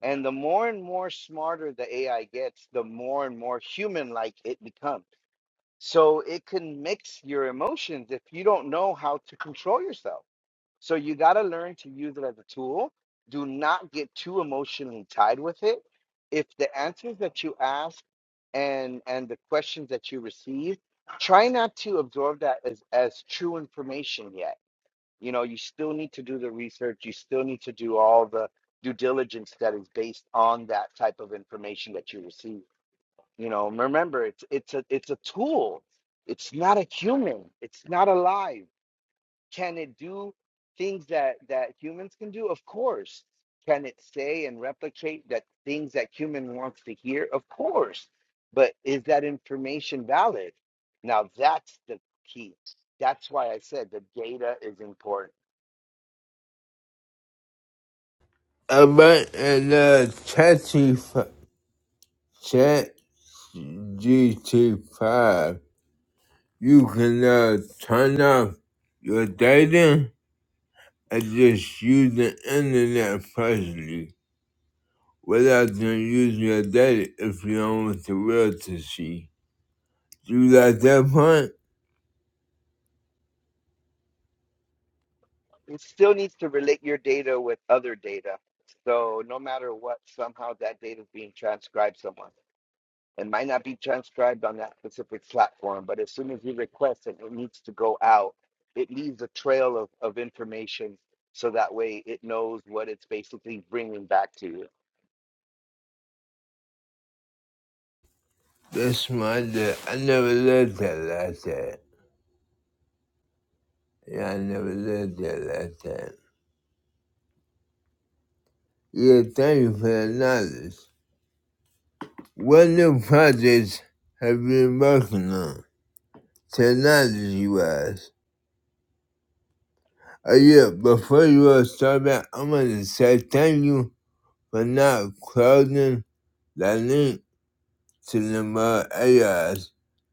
S5: and the more and more smarter the AI gets, the more and more human like it becomes. So it can mix your emotions if you don't know how to control yourself. So you got to learn to use it as a tool. Do not get too emotionally tied with it. If the answers that you ask and and the questions that you receive, try not to absorb that as as true information yet you know you still need to do the research you still need to do all the due diligence that is based on that type of information that you receive you know remember it's it's a it's a tool it's not a human it's not alive can it do things that that humans can do of course can it say and replicate that things that human wants to hear of course but is that information valid now that's the key that's why i said the data is important
S4: About and uh, ChatGPT ChatGPT 5, you can now turn off your data and just use the internet personally without them using your data if you don't want the world to see. Do you like that part?
S5: it still needs to relate your data with other data. So no matter what, somehow that data is being transcribed somewhere. It might not be transcribed on that specific platform, but as soon as you request it, it needs to go out. It leaves a trail of, of information so that way it knows what it's basically bringing back to you.
S4: That's my day. I never lived that like that. Yeah, I never lived that like that. Yeah, thank you for the knowledge. What new projects have been working on? Technology wise. Oh yeah, before you all start back, I to say thank you for not closing the link to the more AIs.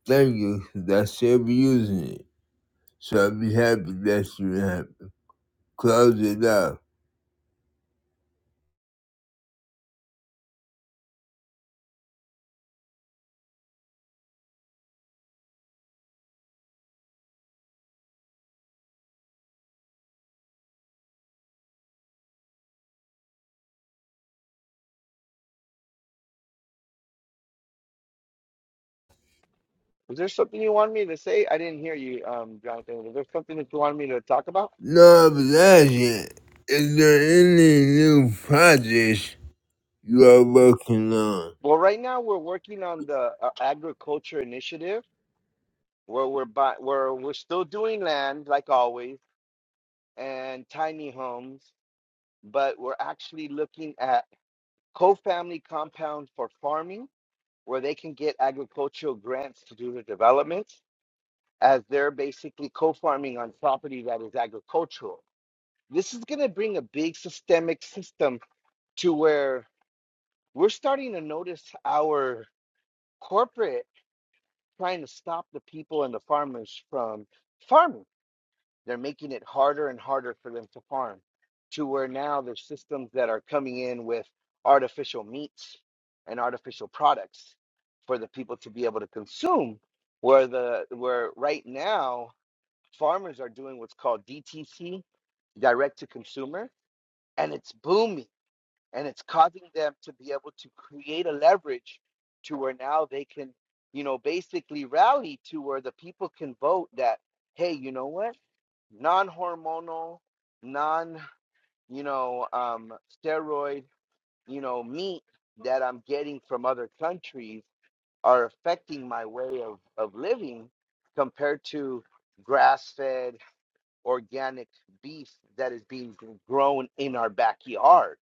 S4: Thank you, 'cause I still be using it. So I'll be happy that you have closed it up.
S5: Was there something you wanted me to say? I didn't hear you, um, Jonathan. Was there something that you wanted me to talk about?
S4: No obligation. Is there any new projects you are working on?
S5: Well, right now we're working on the uh, agriculture initiative where we're buy, where we're still doing land like always and tiny homes, but we're actually looking at co-family compounds for farming where they can get agricultural grants to do the developments as they're basically co-farming on property that is agricultural. This is going to bring a big systemic system to where we're starting to notice our corporate trying to stop the people and the farmers from farming They're making it harder and harder for them to farm to where now there's systems that are coming in with artificial meats and artificial products for the people to be able to consume where the where right now farmers are doing what's called DTC direct to consumer and it's booming and it's causing them to be able to create a leverage to where now they can you know basically rally to where the people can vote that hey you know what non-hormonal, non, you know, um, steroid, you know, meat that I'm getting from other countries are affecting my way of, of living compared to grass-fed organic beef that is being grown in our backyard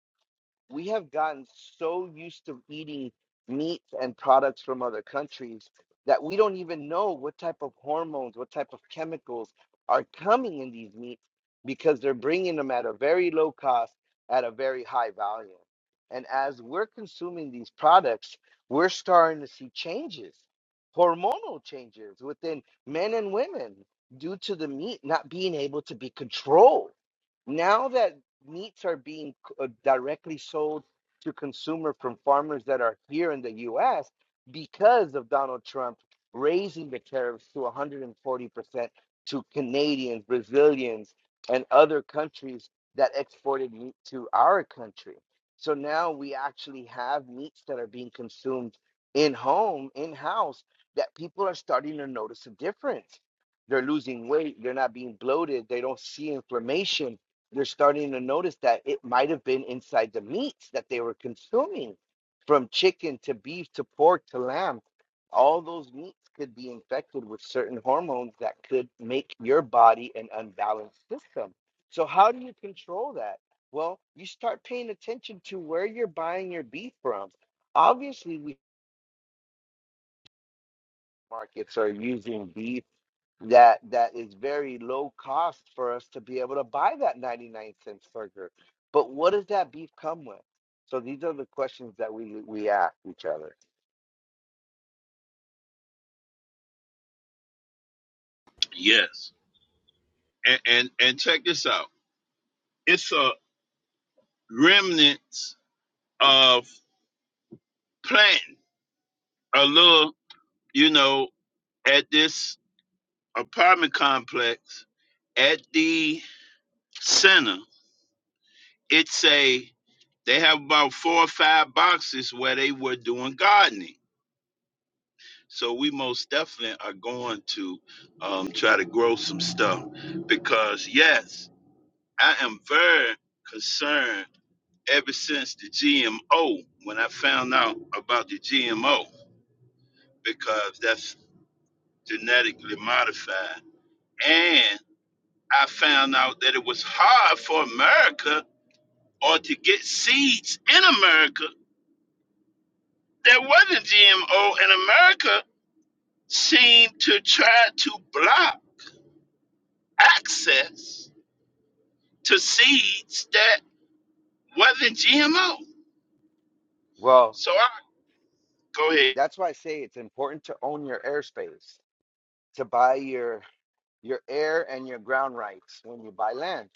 S5: we have gotten so used to eating meats and products from other countries that we don't even know what type of hormones, what type of chemicals are coming in these meats because they're bringing them at a very low cost, at a very high value. And as we're consuming these products, we're starting to see changes, hormonal changes within men and women due to the meat not being able to be controlled now that meats are being c- uh, directly sold to consumer from farmers that are here in the US because of Donald Trump raising the tariffs to 140% to Canadians, Brazilians, and other countries that exported meat to our country. So now we actually have meats that are being consumed in home, in house, that people are starting to notice a difference. They're losing weight, they're not being bloated, they don't see inflammation they're starting to notice that it might have been inside the meats that they were consuming from chicken to beef to pork to lamb all those meats could be infected with certain hormones that could make your body an unbalanced system so how do you control that well you start paying attention to where you're buying your beef from obviously we markets are using beef that that is very low cost for us to be able to buy that 99 cents burger. But what does that beef come with? So these are the questions that we we ask each other.
S2: Yes. And and, and check this out. It's a remnants of planting a little, you know, at this apartment complex at the center. It's a they have about four or five boxes where they were doing gardening. So we most definitely are going to um, try to grow some stuff because yes, I am very concerned ever since the GMO when I found out about the GMO because that's genetically modified. And I found out that it was hard for America or to get seeds in America that wasn't GMO, and America seemed to try to block access to seeds that wasn't GMO.
S5: Well,
S2: So I go ahead,
S5: that's why I say it's important to own your airspace, to buy your your air and your ground rights when you buy land.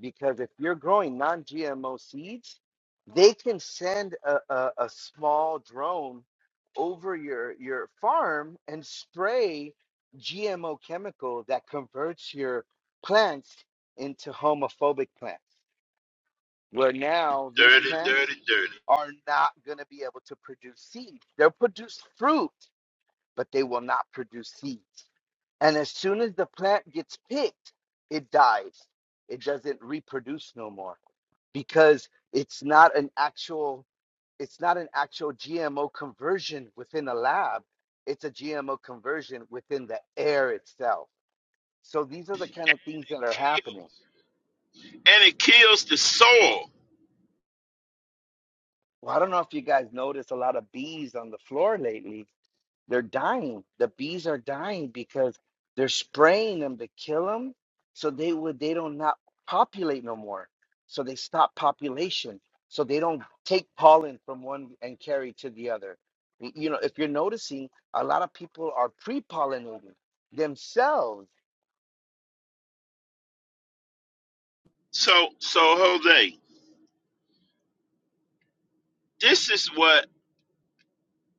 S5: Because if you're growing non GMO seeds, they can send a, a, a small drone over your, your farm and spray GMO chemical that converts your plants into homophobic plants, where now these
S2: dirty,
S5: plants
S2: dirty, dirty.
S5: are not going to be able to produce seeds. They'll produce fruit, but they will not produce seeds. And as soon as the plant gets picked, it dies. It doesn't reproduce no more because it's not an actual it's not an actual GMO conversion within a lab. It's a GMO conversion within the air itself. So these are the kind
S2: And
S5: of things that are
S2: it
S5: happening.
S2: kills, and it kills the soil.
S5: Well, I don't know if you guys notice a lot of bees on the floor lately, They're dying. The bees are dying because they're spraying them to kill them, so they would they don't not populate no more. So they stop population. So they don't take pollen from one and carry to the other. Y- You know, if you're noticing, a lot of people are pre-pollinating themselves.
S2: So, so Jose, this is what,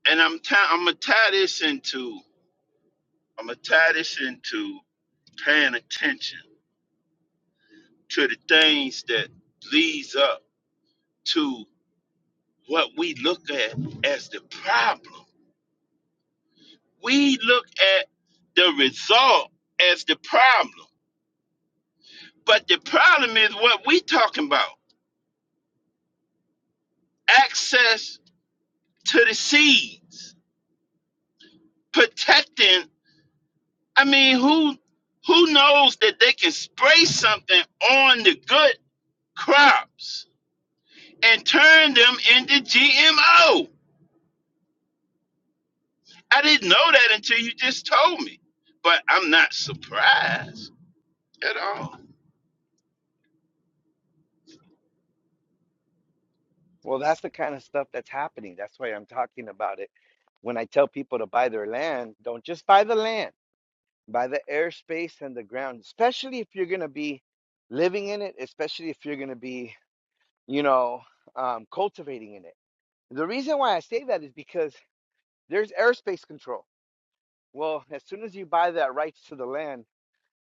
S2: and I'm, i am i gonna tie this into I'm gonna tie this into paying attention to the things that leads up to what we look at as the problem. We look at the result as the problem, but the problem is what we talking about: access to the seeds, protecting. I mean, who who knows that they can spray something on the good crops and turn them into GMO? I didn't know that until you just told me. But I'm not surprised at all.
S5: Well, that's the kind of stuff that's happening. That's why I'm talking about it. When I tell people to buy their land, don't just buy the land by the airspace and the ground, especially if you're going to be living in it, especially if you're going to be, you know, um, cultivating in it. The reason why I say that is because there's airspace control. Well, as soon as you buy that rights to the land,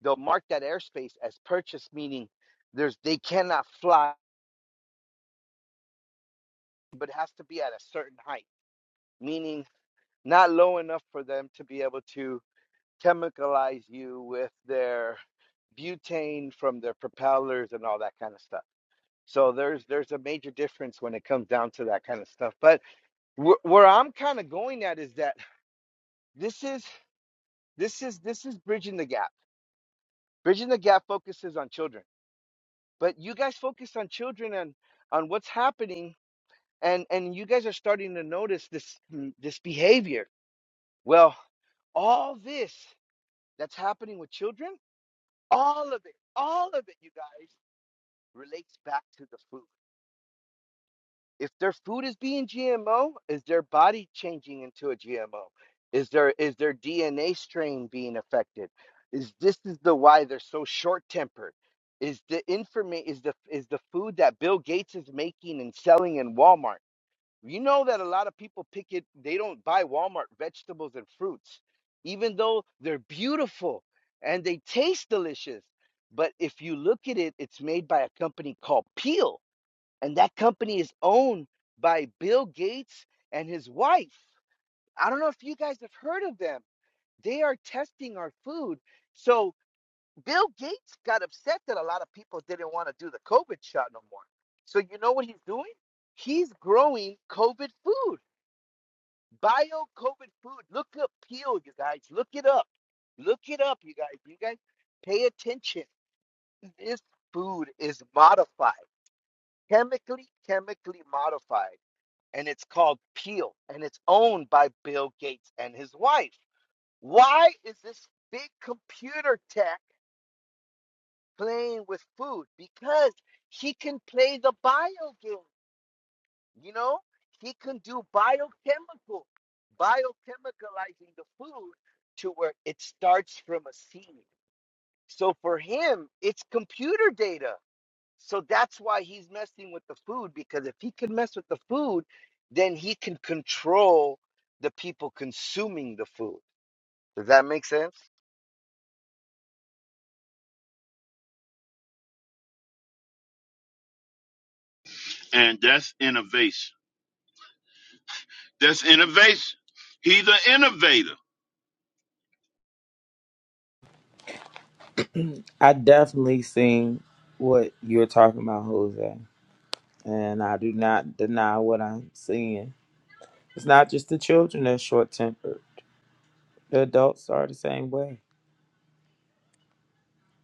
S5: they'll mark that airspace as purchase, meaning there's they cannot fly, but it has to be at a certain height, meaning not low enough for them to be able to chemicalize you with their butane from their propellers and all that kind of stuff So there's there's a major difference when it comes down to that kind of stuff. But wh- where I'm kind of going at is that this is this is this is bridging the gap. Bridging the gap focuses on children, but you guys focus on children and on what's happening, and and you guys are starting to notice this mm, this behavior. Well, all this that's happening with children, all of it, all of it, you guys relates back to the food. if their food is being GMO, is their body changing into a GMO? Is their is their DNA strain being affected? Is this is the why they're so short tempered? Is the information is the is the food that Bill Gates is making and selling in Walmart? You know that a lot of people pick it. They don't buy Walmart vegetables and fruits, even though they're beautiful and they taste delicious. But if you look at it, it's made by a company called Peel and that company is owned by Bill Gates and his wife. I don't know if you guys have heard of them. They are testing our food. So Bill Gates got upset that a lot of people didn't want to do the COVID shot no more. So you know what he's doing? He's growing COVID food, bio COVID food. Look up Peel, you guys. Look it up. Look it up, you guys. You guys pay attention. This food is modified, chemically, chemically modified and it's called Peel, and it's owned by Bill Gates and his wife. Why is this big computer tech playing with food? Because he can play the bio game, you know? He can do biochemical, biochemicalizing the food to where it starts from a seed. So for him, it's computer data. So that's why he's messing with the food because if he can mess with the food, then he can control the people consuming the food. Does that make sense?
S2: And that's innovation. That's innovation. He's an innovator.
S1: I definitely seen what you're talking about, Jose, and I do not deny what I'm seeing. It's not just the children that's short tempered; the adults are the same way.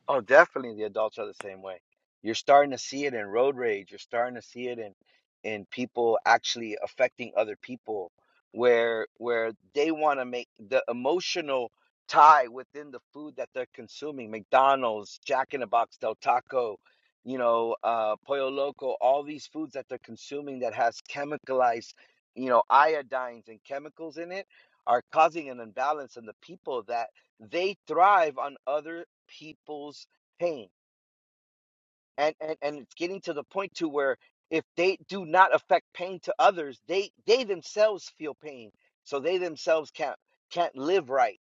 S5: Oh, definitely the adults are the same way. You're starting to see it in road rage. You're starting to see it in in people actually affecting other people where where they want to make the emotional tie within the food that they're consuming. McDonald's, Jack in the Box, Del Taco, you know, uh Pollo Loco, all these foods that they're consuming that has chemicalized, you know, iodines and chemicals in it are causing an imbalance in the people that they thrive on other people's pain and and and it's getting to the point to where if they do not affect pain to others they they themselves feel pain so they themselves can't can't live right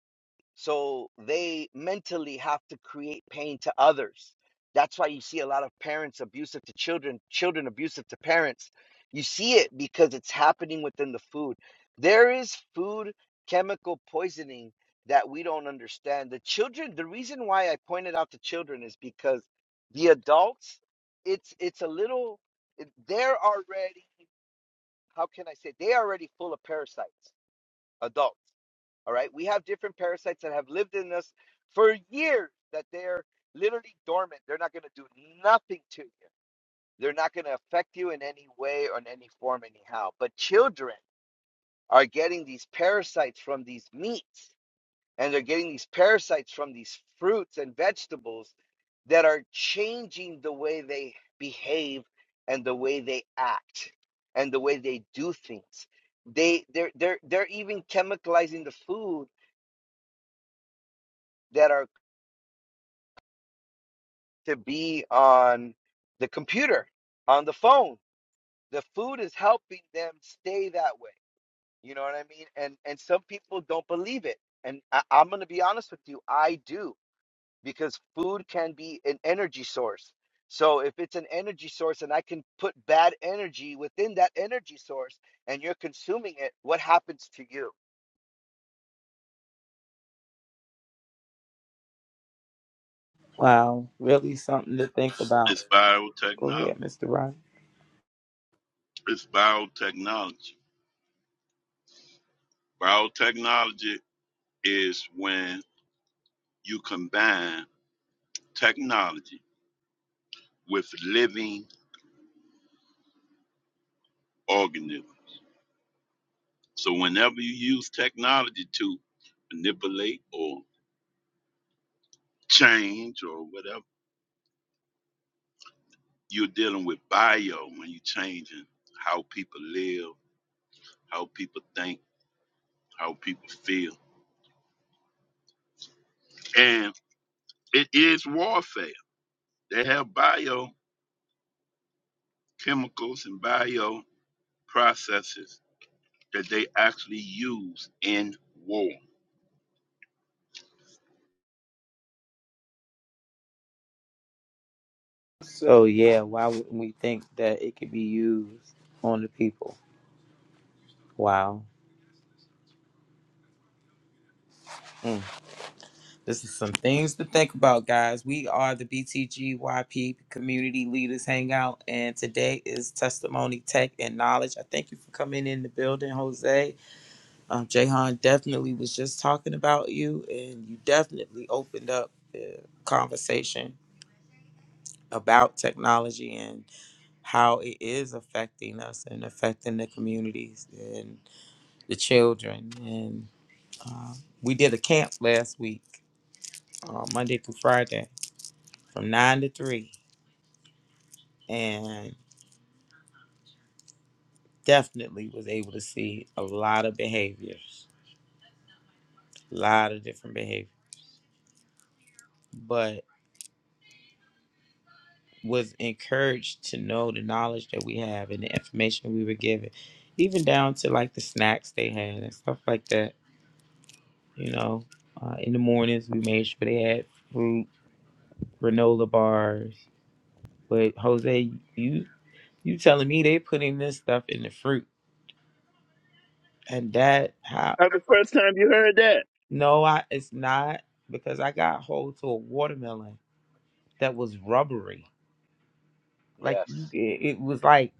S5: so they mentally have to create pain to others. That's why you see a lot of parents abusive to children, children abusive to parents. You see it because it's happening within the food. There is food chemical poisoning that we don't understand. The children, the reason why I pointed out the children is because the adults, it's it's a little they're already how can I say they are already full of parasites, adults all right. We have different parasites that have lived in us for years that they're literally dormant. They're not going to do nothing to you. They're not going to affect you in any way or in any form, anyhow. But children are getting these parasites from these meats and they're getting these parasites from these fruits and vegetables that are changing the way they behave and the way they act and the way they do things. They they're they're they're even chemicalizing the food that are to be on the computer, on the phone. The food is helping them stay that way. You know what I mean? And and some people don't believe it. And I, I'm gonna be honest with you, I do, because food can be an energy source. So if it's an energy source and I can put bad energy within that energy source and you're consuming it, what happens to you?
S1: Wow, really something to think about.
S2: It's
S1: Go
S2: biotechnology.
S1: ahead, Mr. Ryan.
S2: It's biotechnology. Biotechnology is when you combine technology with living organisms. So whenever you use technology to manipulate or change or whatever You're dealing with bio when you're changing how people live, how people think, how people feel. And it is warfare. They have bio chemicals and bio processes that they actually use in war.
S1: So yeah, why wouldn't we think that it could be used on the people? Wow. Mm. This is some things to think about, guys. We are the BTGYP Community Leaders Hangout, and today is Testimony, Tech, and Knowledge. I thank you for coming in the building, Jose. Um, Jahan definitely was just talking about you, and you definitely opened up the conversation about technology and how it is affecting us and affecting the communities and the children. And uh, we did a camp last week, uh, Monday through Friday from nine to three and definitely was able to see a lot of behaviors, a lot of different behavior, but was encouraged to know the knowledge that we have and the information we were given, even down to like the snacks they had and stuff like that. You know, uh, in the mornings we made sure they had fruit, granola bars. But Jose, you you telling me they putting this stuff in the fruit and that? how?
S2: That's the first time you heard that.
S1: No, I it's not because I got hold to a watermelon that was rubbery. Like you-
S5: Yes.
S1: it, it was like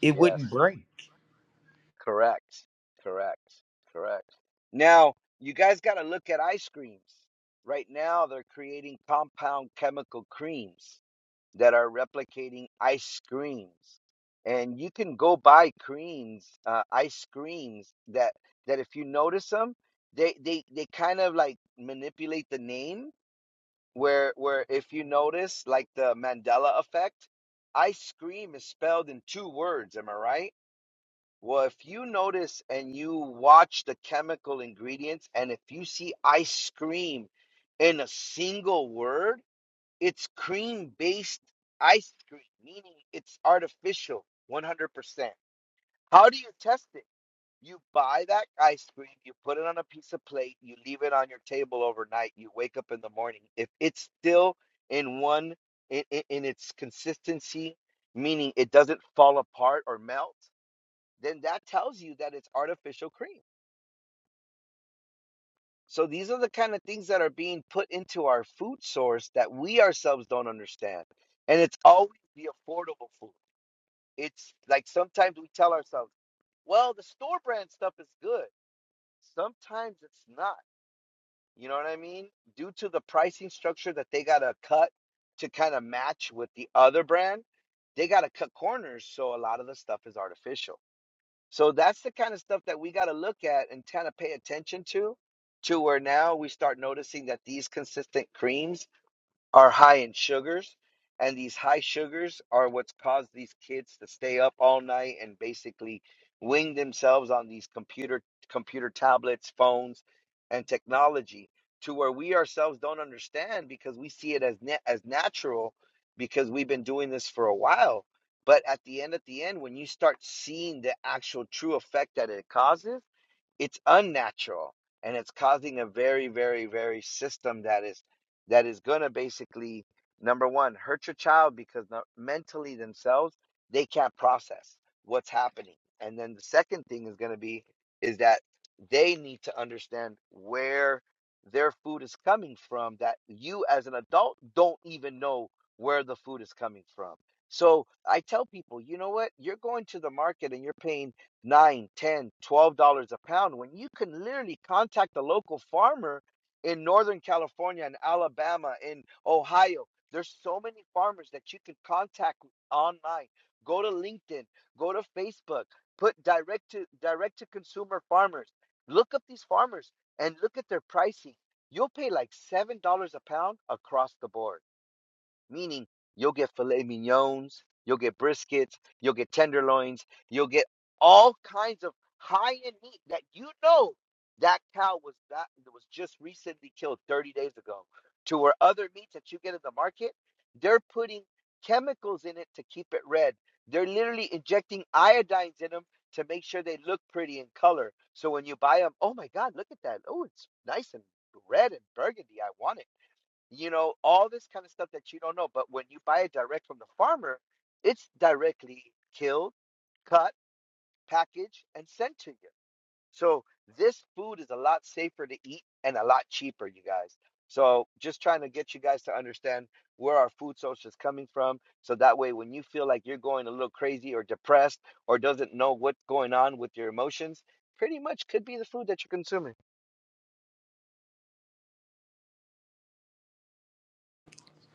S1: it wouldn't
S5: Yes.
S1: break.
S5: Correct. Correct. Correct. Now, you guys got to look at ice creams. Right now, they're creating compound chemical creams that are replicating ice creams. And you can go buy creams, uh, ice creams that that if you notice them, they they they kind of like manipulate the name where where if you notice like the Mandela effect, ice cream is spelled in two words, am I right? Well, if you notice and you watch the chemical ingredients, and if you see ice cream in a single word, it's cream based ice cream, meaning it's artificial 100%. How do you test it? You buy that ice cream, you put it on a piece of plate, you leave it on your table overnight, you wake up in the morning. If it's still in one, in, in, in its consistency, meaning it doesn't fall apart or melt, then that tells you that it's artificial cream. So these are the kind of things that are being put into our food source that we ourselves don't understand. And it's always the affordable food. It's like sometimes we tell ourselves, well, the store brand stuff is good. Sometimes it's not. You know what I mean? Due to the pricing structure that they got to cut to kind of match with the other brand, they got to cut corners. So a lot of the stuff is artificial. So that's the kind of stuff that we got to look at and kind of pay attention to, to where now we start noticing that these consistent creams are high in sugars, and these high sugars are what's caused these kids to stay up all night and basically wing themselves on these computer computer tablets, phones, and technology to where we ourselves don't understand because we see it as na- as natural because we've been doing this for a while. But at the end, at the end, when you start seeing the actual true effect that it causes it's unnatural and it's causing a very very very system that is that is going to basically number one hurt your child because the- mentally themselves they can't process what's happening and then the second thing is going to be is that they need to understand where their food is coming from that you as an adult don't even know where the food is coming from so i tell people you know what you're going to the market and you're paying nine, ten, twelve dollars a pound when you can literally contact the local farmer in Northern California in Alabama in Ohio. There's so many farmers that you can contact online. Go to LinkedIn, go to Facebook, put direct to direct to consumer farmers. Look up these farmers and look at their pricing. You'll pay like seven dollars a pound across the board meaning you'll get filet mignons, you'll get briskets, you'll get tenderloins, you'll get all kinds of high-end meat that you know that cow was that was just recently killed 30 days ago. To where other meats that you get in the market, they're putting chemicals in it to keep it red. They're literally injecting iodines in them to make sure they look pretty in color. So when you buy them, oh my God, look at that! Oh, it's nice and red and burgundy. I want it you know, all this kind of stuff that you don't know. But when you buy it direct from the farmer, it's directly killed, cut, packaged, and sent to you. So this food is a lot safer to eat and a lot cheaper, you guys. So just trying to get you guys to understand where our food source is coming from. So that way, when you feel like you're going a little crazy or depressed or doesn't know what's going on with your emotions, pretty much could be the food that you're consuming.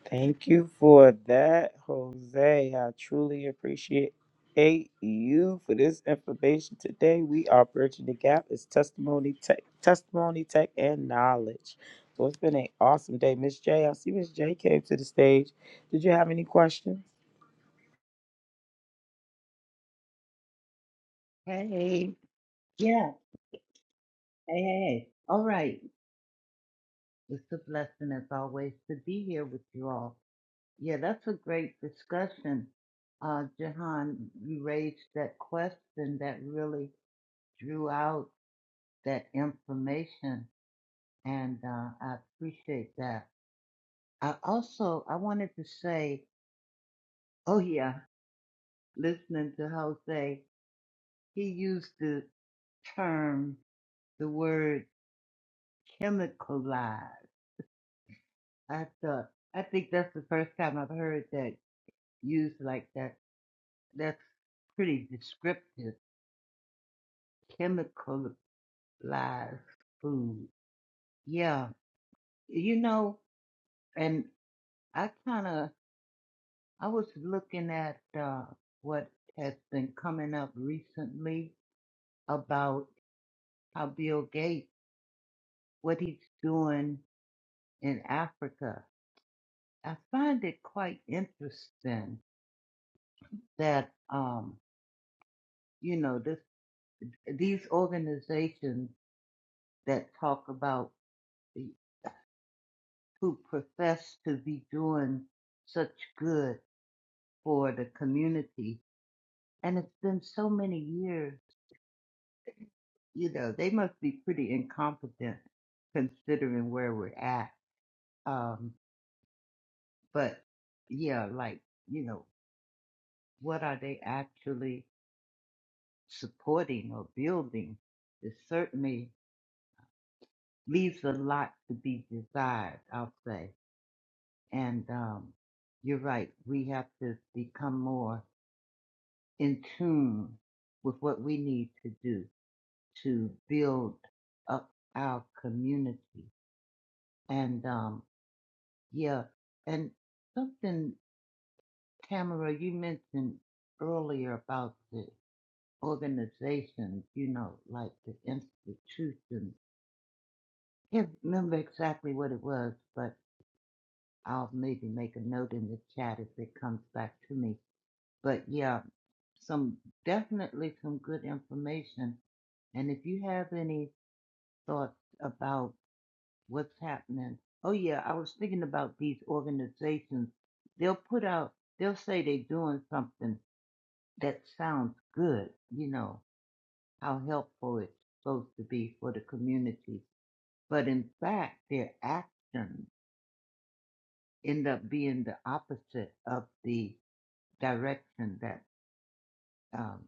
S1: Thank you for that, Jose. I truly appreciate you for this information today. We are bridging the gap. It's testimony tech, testimony tech, and knowledge. So it's been an awesome day, Miss J. I see Miss J came to the stage. Did you have any questions?
S6: Hey, yeah, hey, hey, hey. All right. It's a blessing as always to be here with you all. Yeah, that's a great discussion. Uh, Jahan, you raised that question that really drew out that information, and uh, I appreciate that. I also I wanted to say, oh yeah, listening to Jose, he used the term, the word chemicalized. I thought I think that's the first time I've heard that used like that. That's pretty descriptive. Chemicalized food. Yeah. You know, and I kinda I was looking at uh what has been coming up recently about how Bill Gates what he's doing in Africa. I find it quite interesting that um, you know, this these organizations that talk about the, who profess to be doing such good for the community. And it's been so many years, you know, they must be pretty incompetent considering where we're at. Um, but yeah, like, you know, what are they actually supporting or building? It certainly leaves a lot to be desired, I'll say. And um, you're right, we have to become more in tune with what we need to do to build up our community. And um, yeah, and something, Tamara, you mentioned earlier about the organizations, you know, like the institutions. Can't remember exactly what it was, but I'll maybe make a note in the chat if it comes back to me. But yeah, some definitely some good information. And if you have any thoughts about what's happening. Oh yeah, I was thinking about these organizations. They'll put out, they'll say they're doing something that sounds good, you know, how helpful it's supposed to be for the community. But in fact, their actions end up being the opposite of the direction that um,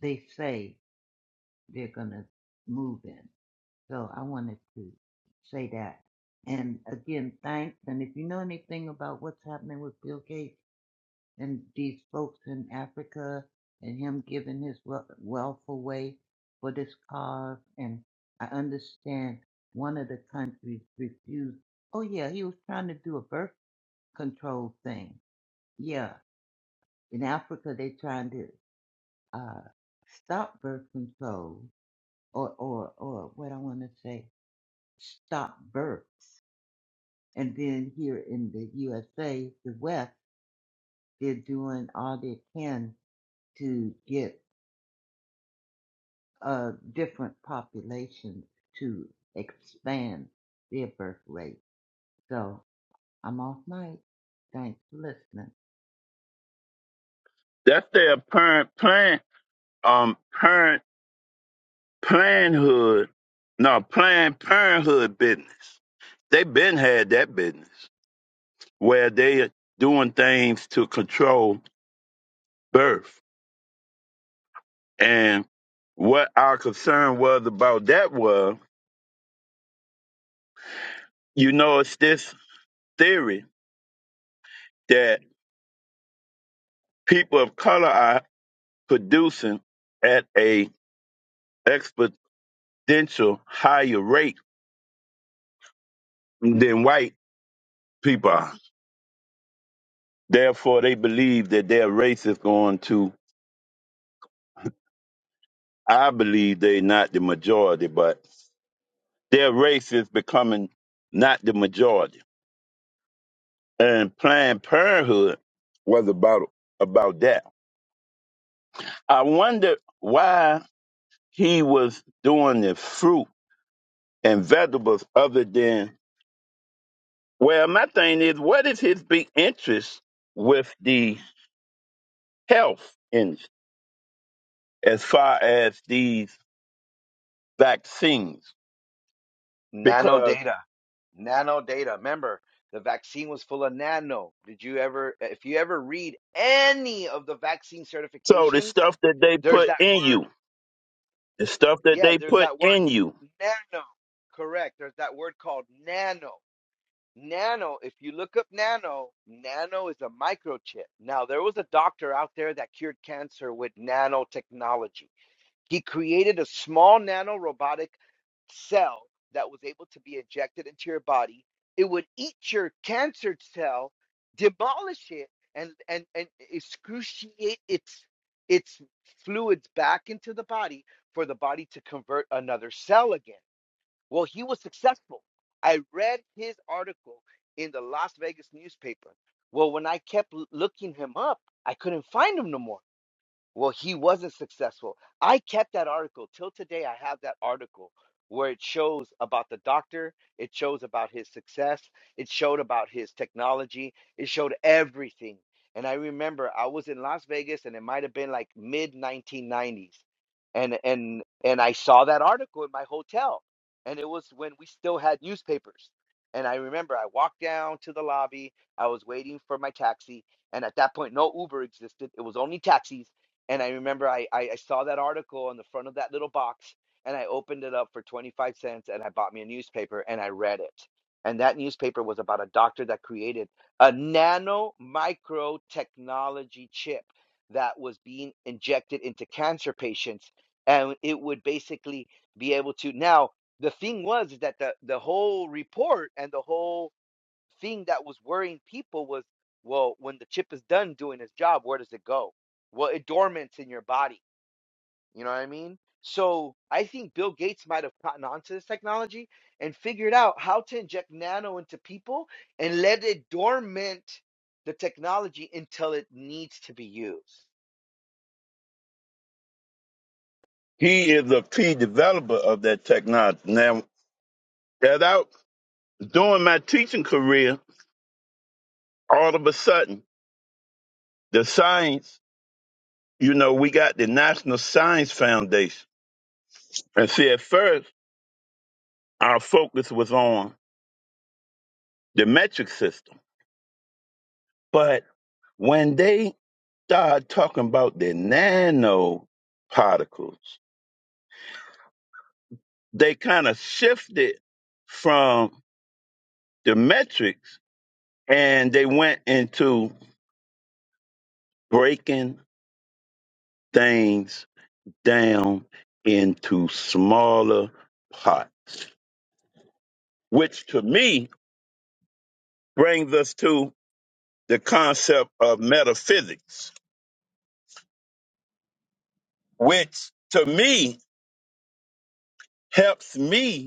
S6: they say they're going to move in. So I wanted to say that. And again, thanks. And if you know anything about what's happening with Bill Gates and these folks in Africa and him giving his wea- wealth away for this cause, and I understand one of the countries refused. Oh, yeah, he was trying to do a birth control thing. Yeah. In Africa, they're trying to uh, stop birth control or, or, or what I want to say, stop births. And then here in the USA, the West, they're doing all they can to get uh, different populations to expand their birth rate. So I'm off mic. Thanks for listening.
S2: That's their parent plan, um, parent planhood, no, Planned Parenthood business. They been had that business where they doing things to control birth. And what our concern was about that was, you know, it's this theory that people of color are producing at a exponential higher rate than white people are. Therefore, they believe that their race is going to, I believe they're not the majority, but their race is becoming not the majority. And Planned Parenthood was about about that. I wonder why he was doing the fruit and vegetables other than well my thing is what is his big interest with the health in as far as these vaccines
S5: Nano
S2: because
S5: data. Nano data. Remember, the vaccine was full of nano. Did you ever, if you ever read any of the vaccine
S2: so the
S5: certifications,
S2: stuff that they
S5: there's
S2: put
S5: that
S2: in
S5: word.
S2: you the stuff that
S5: Yeah,
S2: they
S5: there's
S2: put
S5: that word
S2: in you
S5: nano. Correct. There's that word called nano. Nano, if you look up nano, nano is a microchip. Now, there was a doctor out there that cured cancer with nanotechnology. He created a small nanorobotic cell that was able to be injected into your body. It would eat your cancer cell, demolish it, and and and excruciate its its fluids back into the body for the body to convert another cell again. Well, he was successful. I read his article in the Las Vegas newspaper. Well, when I kept l- looking him up, I couldn't find him no more. Well, he wasn't successful. I kept that article till today. I have that article where it shows about the doctor, it shows about his success, it showed about his technology, it showed everything. And I remember I was in Las Vegas and it might have been like mid 1990s. And and and I saw that article in my hotel. And it was when we still had newspapers. And I remember I walked down to the lobby. I was waiting for my taxi. And at that point, no Uber existed. It was only taxis and I remember I, I, I saw that article on the front of that little box and I opened it up for 25 cents and I bought me a newspaper and I read it. And that newspaper was about a doctor that created a nano micro technology chip that was being injected into cancer patients. And it would basically be able to. Now, the thing was is that the, the whole report and the whole thing that was worrying people was well, when the chip is done doing its job, where does it go? Well, it dormants in your body. You know what I mean? So I think Bill Gates might have gotten onto this technology and figured out how to inject nano into people and let it dormant the technology until it needs to be used.
S2: he is a key developer of that technology now without doing my teaching career all of a sudden the science you know we got the national science foundation And see, at first, our focus was on the metric system. But when they started talking about the nanoparticles, they kind of shifted from the metrics and they went into breaking things down into smaller parts, which to me brings us to the concept of metaphysics, which to me helps me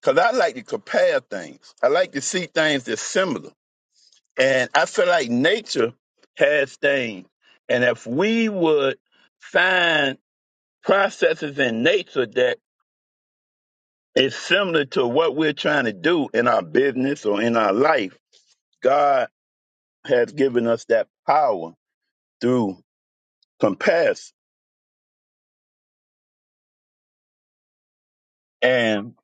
S2: Because I like to compare things. I like to see things that's similar. And I feel like nature has things. And if we would find processes in nature that is similar to what we're trying to do in our business or in our life, God has given us that power through comparison. And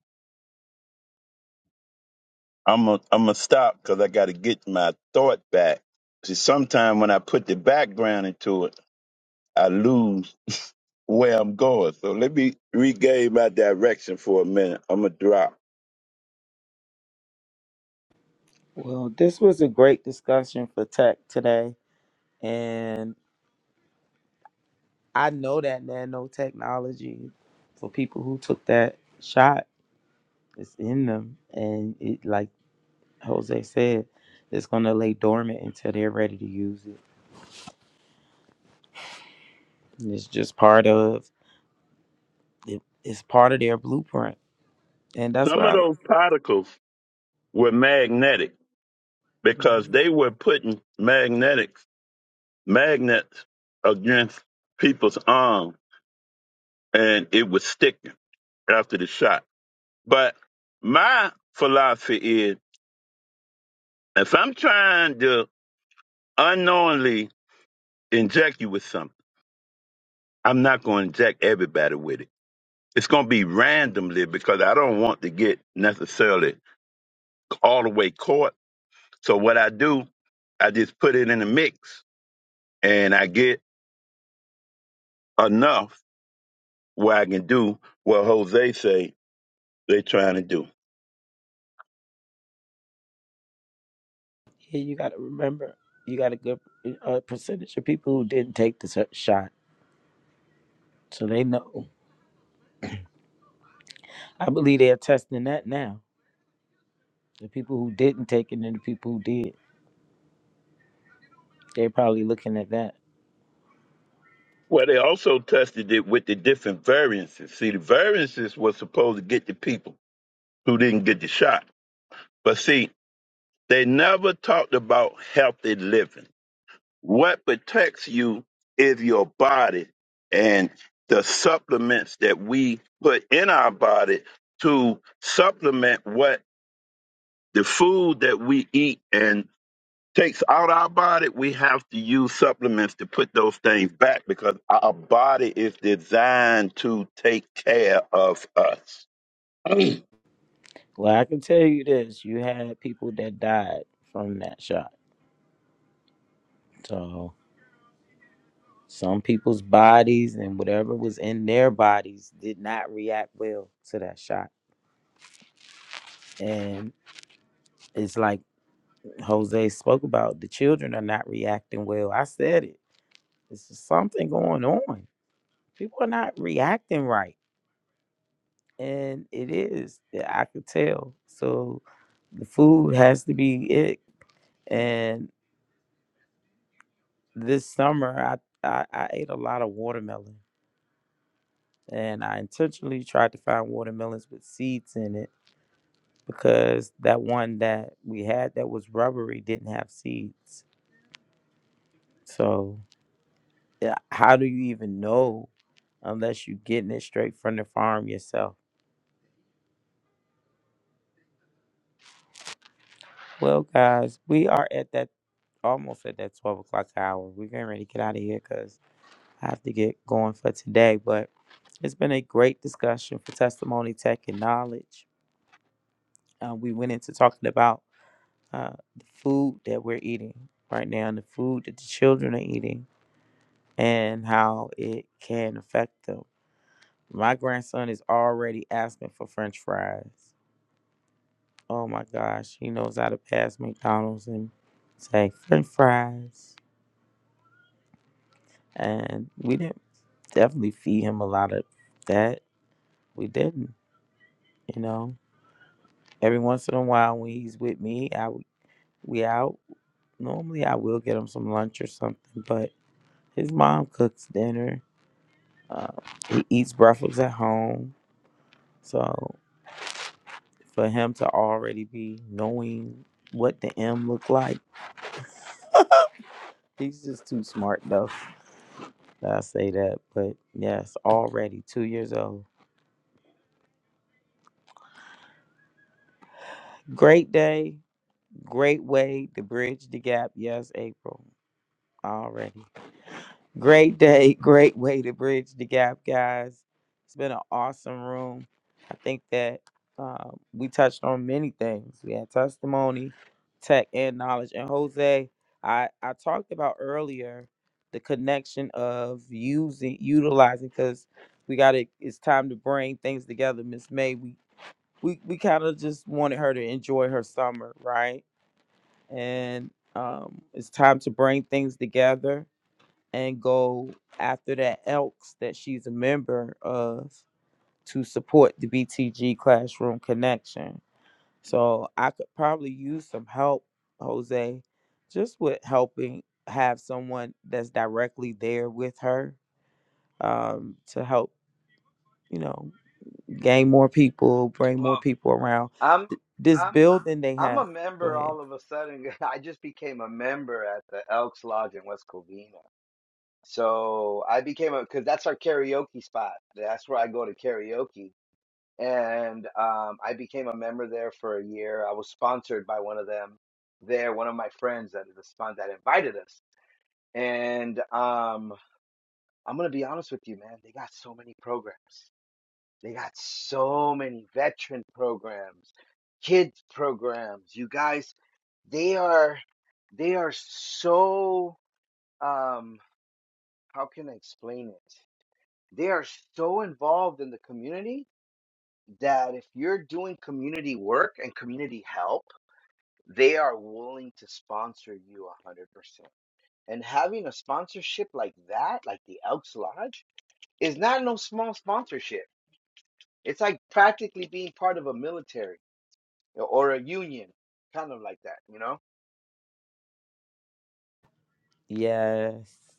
S2: I'm going I'm to stop because I got to get my thought back. See, sometimes when I put the background into it, I lose where I'm going. So let me regain my direction for a minute. I'm gonna drop.
S1: Well, this was a great discussion for tech today, and I know that nanotechnology for people who took that shot is in them, and it like Jose said, it's gonna lay dormant until they're ready to use it. And it's just part of it, it's part of their blueprint, and that's
S2: Some of
S1: why.
S2: those particles were magnetic because
S1: Mhm.
S2: they were putting magnetics magnets against people's arm and it was sticking after the shot. But my philosophy is if I'm trying to unknowingly inject you with something, I'm not gonna inject everybody with it. It's gonna be randomly because I don't want to get necessarily all the way caught. So what I do, I just put it in the mix and I get enough where I can do what Jose say they trying to do.
S1: Yeah, you gotta remember, you got a good uh, percentage of people who didn't take the sh- shot, so they know. I believe they're testing that now. The people who didn't take it and the people who did, they're probably looking at that
S2: Well, they also tested it with the different variances. See, the variances was supposed to get the people who didn't get the shot. But see, they never talked about healthy living. What protects you is your body and the supplements that we put in our body to supplement what The food that we eat and takes out our body, we have to use supplements to put those things back because our body is designed to take care of us.
S1: Well, I can tell you this: you had people that died from that shot. So some people's bodies and whatever was in their bodies did not react well to that shot. And it's like Jose spoke about: the children are not reacting well. I said it. It's just something going on. People are not reacting right, and it is. yeah, I could tell. So the food has to be it. And this summer, I I, I ate a lot of watermelon and I intentionally tried to find watermelons with seeds in it because that one that we had that was rubbery didn't have seeds. So, yeah, how do you even know unless you're getting it straight from the farm yourself? Well, guys, we are at that almost at that 12 o'clock hour. We're getting ready to get out of here because I have to get going for today. But it's been a great discussion for testimony, tech, and knowledge. Uh, we went into talking about uh, the food that we're eating right now and the food that the children are eating and how it can affect them. My grandson is already asking for french fries. Oh my gosh, he knows how to pass McDonald's and say french fries. And we didn't definitely feed him a lot of that. We didn't, you know. Every once in a while when he's with me, I w- we out. Normally I will get him some lunch or something, but his mom cooks dinner Uh, he eats breakfast at home, so for him to already be knowing what the M look like, he's just too smart though. I say that, but yes, already two years old. Great day, great way to bridge the gap. Yes, April already. Great day, great way to bridge the gap, guys. It's been an awesome room. I think that um, we touched on many things. We had testimony, tech, and knowledge. And Jose, I, I talked about earlier the connection of using, utilizing, because we got to, it's time to bring things together. Miss May, we, we, we kind of just wanted her to enjoy her summer, right? And um, it's time to bring things together and go after that elks that she's a member of to support the BTG classroom connection. So I could probably use some help, Jose, just with helping have someone that's directly there with her um, to help, you know, gain more people, bring more
S5: Well,
S1: people around.
S5: I'm
S1: This
S5: I'm
S1: building they
S5: I'm
S1: have.
S5: a
S1: Go
S5: member
S1: ahead.
S5: all of a sudden. I just became a member at the Elks Lodge in West Covina. So I became a because that's our karaoke spot. That's where I go to karaoke, and um, I became a member there for a year. I was sponsored by one of them there, one of my friends that is a sponsor that invited us. And um, I'm gonna be honest with you, man. They got so many programs. They got so many veteran programs, kids programs. You guys, they are they are so um, how can I explain it? they are so involved in the community that if you're doing community work and community help, they are willing to sponsor you 100%. And having a sponsorship like that, like the Elks Lodge, is not no small sponsorship. It's like practically being part of a military or a union, kind of like that, you know?
S1: Yes.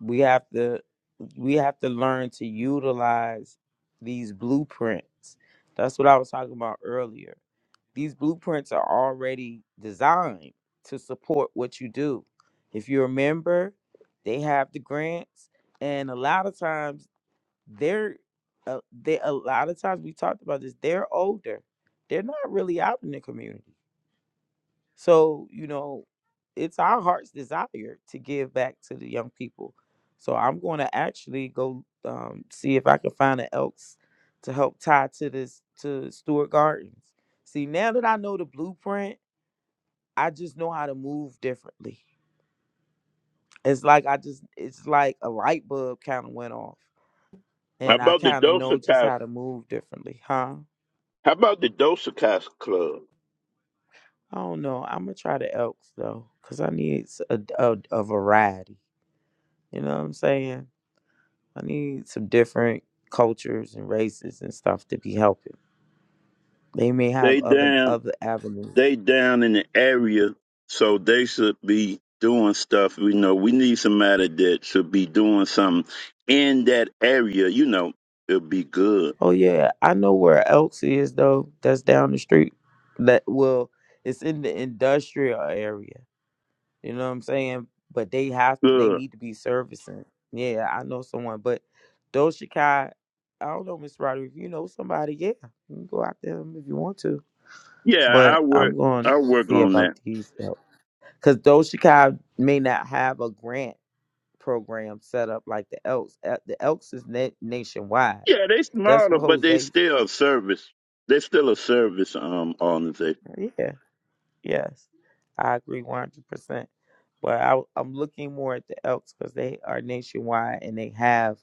S1: we have to we have to learn to utilize these blueprints that's what i was talking about earlier these blueprints are already designed to support what you do if you remember they have the grants and a lot of times they're uh, they a lot of times we talked about this they're older they're not really out in the community so, you know, it's our heart's desire to give back to the young people. So I'm going to actually go um, see if I can find an Elks to help tie to this to Stewart Gardens. See, now that I know the blueprint, I just know how to move differently. It's like I just it's like a light bulb kind of went off,
S2: How
S1: and I
S2: about the
S1: kind of know just
S2: Dosakai?
S1: how to move differently, huh?
S2: How about the Dosakai Club?
S1: I don't know. I'm gonna try the Elks though, cause I need s- a, a a variety. You know what I'm saying? I need some different cultures and races and stuff to be helping. They may have
S2: They
S1: other
S2: down,
S1: other avenues.
S2: they down in the area, so they should be doing stuff. You know, we need somebody that should be doing something in that area. You know, it'll be good.
S1: Oh yeah, I know where Elks is though. That's down the street. That well, it's in the industrial area. You know what I'm saying? But they have they
S2: Good.
S1: need to be servicing. Yeah, I know someone. But Doja Cat, I don't know, Miss Roderick, if you know somebody, yeah. You can go out there if you want to.
S2: Yeah, I
S1: But
S2: work.
S1: I'm going to
S2: I work
S1: see
S2: on
S1: about
S2: that.
S1: these help. Because Doja Cat may not have a grant program set up like the Elks. Uh, The Elks is na- nationwide.
S2: Yeah, they
S1: That's
S2: smarter,
S1: what
S2: but they
S1: Jose.
S2: still a service. They still a service um organization.
S1: Yeah. Yes. I agree one hundred percent. But I, I'm looking more at the Elks because they are nationwide and they have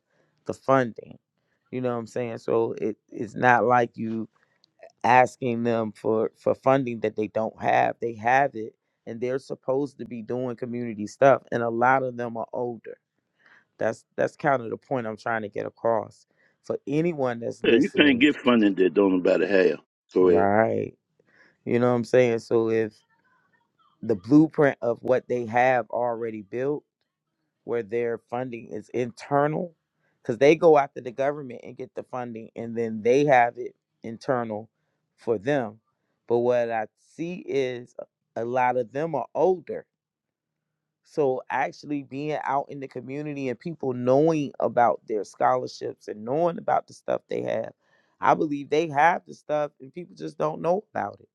S1: the funding. You know what I'm saying? So it, it's not like you asking them for, for funding that they don't have. They have it and they're supposed to be doing community stuff. And a lot of them are older. That's that's kind of the point I'm trying to get across for anyone that's
S2: Yeah, you can't
S1: listening,
S2: get funding that don't nobody have. Go ahead.
S1: right? You know what I'm saying? So if the blueprint of what they have already built, where their funding is internal, because they go after the government and get the funding, and then they have it internal for them. But what I see is a lot of them are older So actually being out in the community and people knowing about their scholarships and knowing about the stuff they have, I believe they have the stuff and people just don't know about it.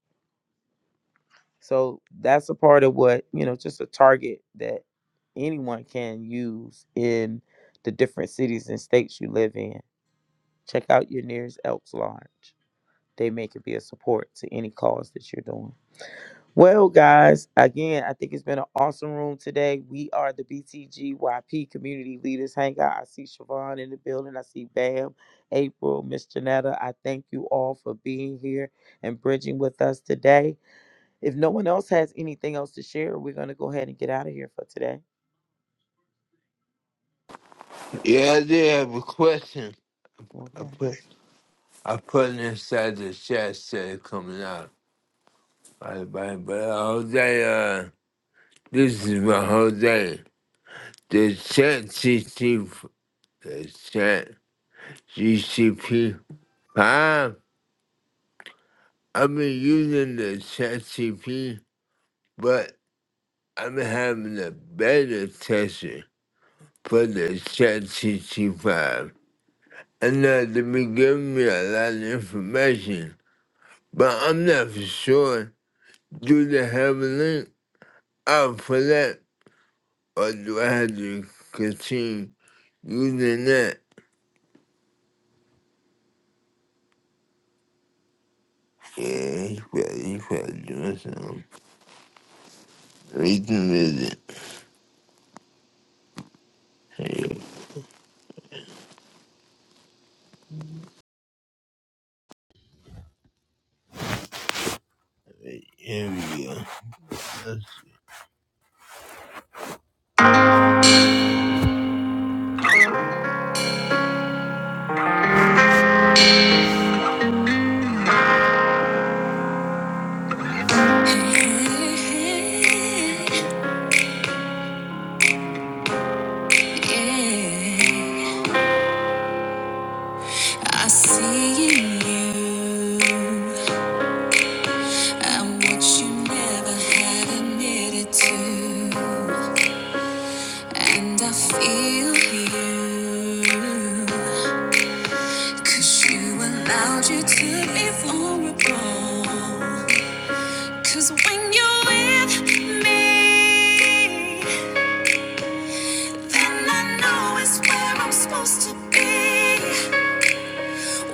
S1: So that's a part of what, you know, just a target that anyone can use in the different cities and states you live in. Check out your nearest Elks Lodge. They make it be a support to any cause that you're doing. Well, guys, again, I think it's been an awesome room today. We are the BTGYP Community Leaders Hangout. I see Siobhan in the building. I see Bam, April, Miss Janetta. I thank you all for being here and bridging with us today. If no one else has anything else to share, we're going to go ahead and get out of here for today.
S4: Yeah, I did have a question.
S1: All
S4: I put
S1: right,
S4: I put it inside the chat said it coming out. Right, right, but uh, Jose, uh, this is my Jose. The chat CC, the chat GCP five. I've been using the chat CP, but I've been having a beta test. for the Chat sixty-five, And now they be giving me a lot of information, but I'm not for sure. Do they have a link out for that, or do I have to continue using that? Yeah, he's probably, he's probably doing something. We can visit. Here we go. I see you. I'm what you never had admitted to, and I feel you, 'cause you allowed you to be vulnerable. 'Cause when you're with me, then I know it's where I'm supposed to be,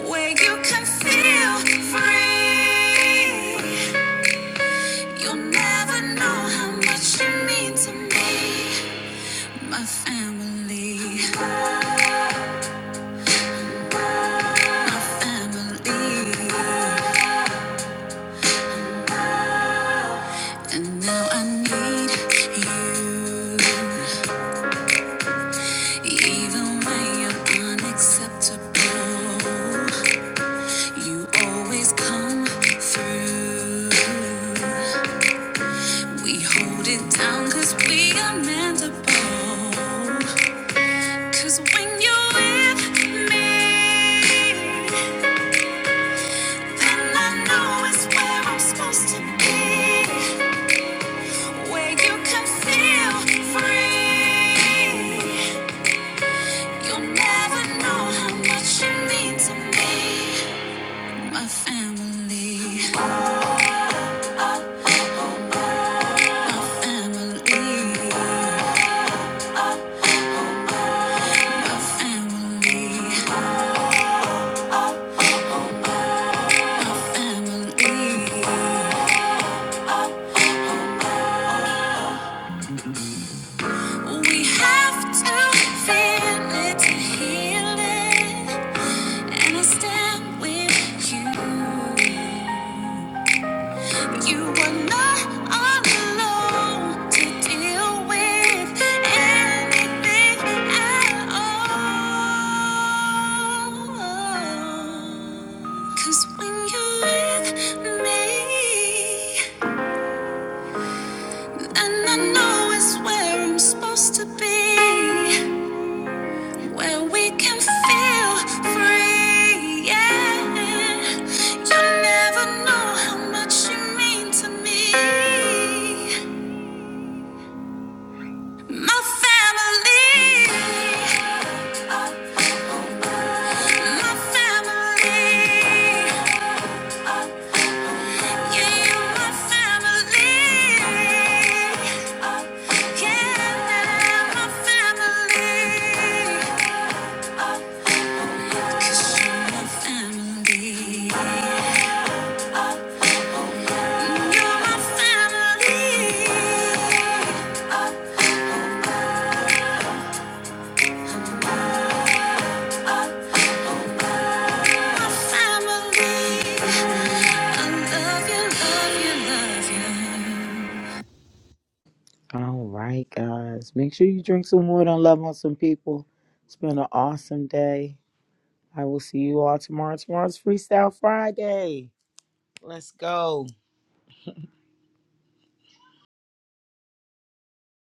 S4: where you can feel free. You'll never know how much you mean to me. My family, my family. Now I need you. Even when you're unacceptable, you always come through. We hold it down 'cause we are meant to bow. when you're not, not supposed to be, where you can feel free. You'll never know how much you mean to me. We have to feel it to heal it. And I stand with you. You are not alone to deal with anything at all. 'Cause when you're with me. And I know it's where I'm supposed to be, where we can feel free. Yeah, you never know how much you mean to me. My family, my family. I Love you, love you, love you.
S1: All right, guys. Make sure you drink some water and love on some people. It's been an awesome day. I will see you all tomorrow. Tomorrow's Freestyle Friday. Let's go.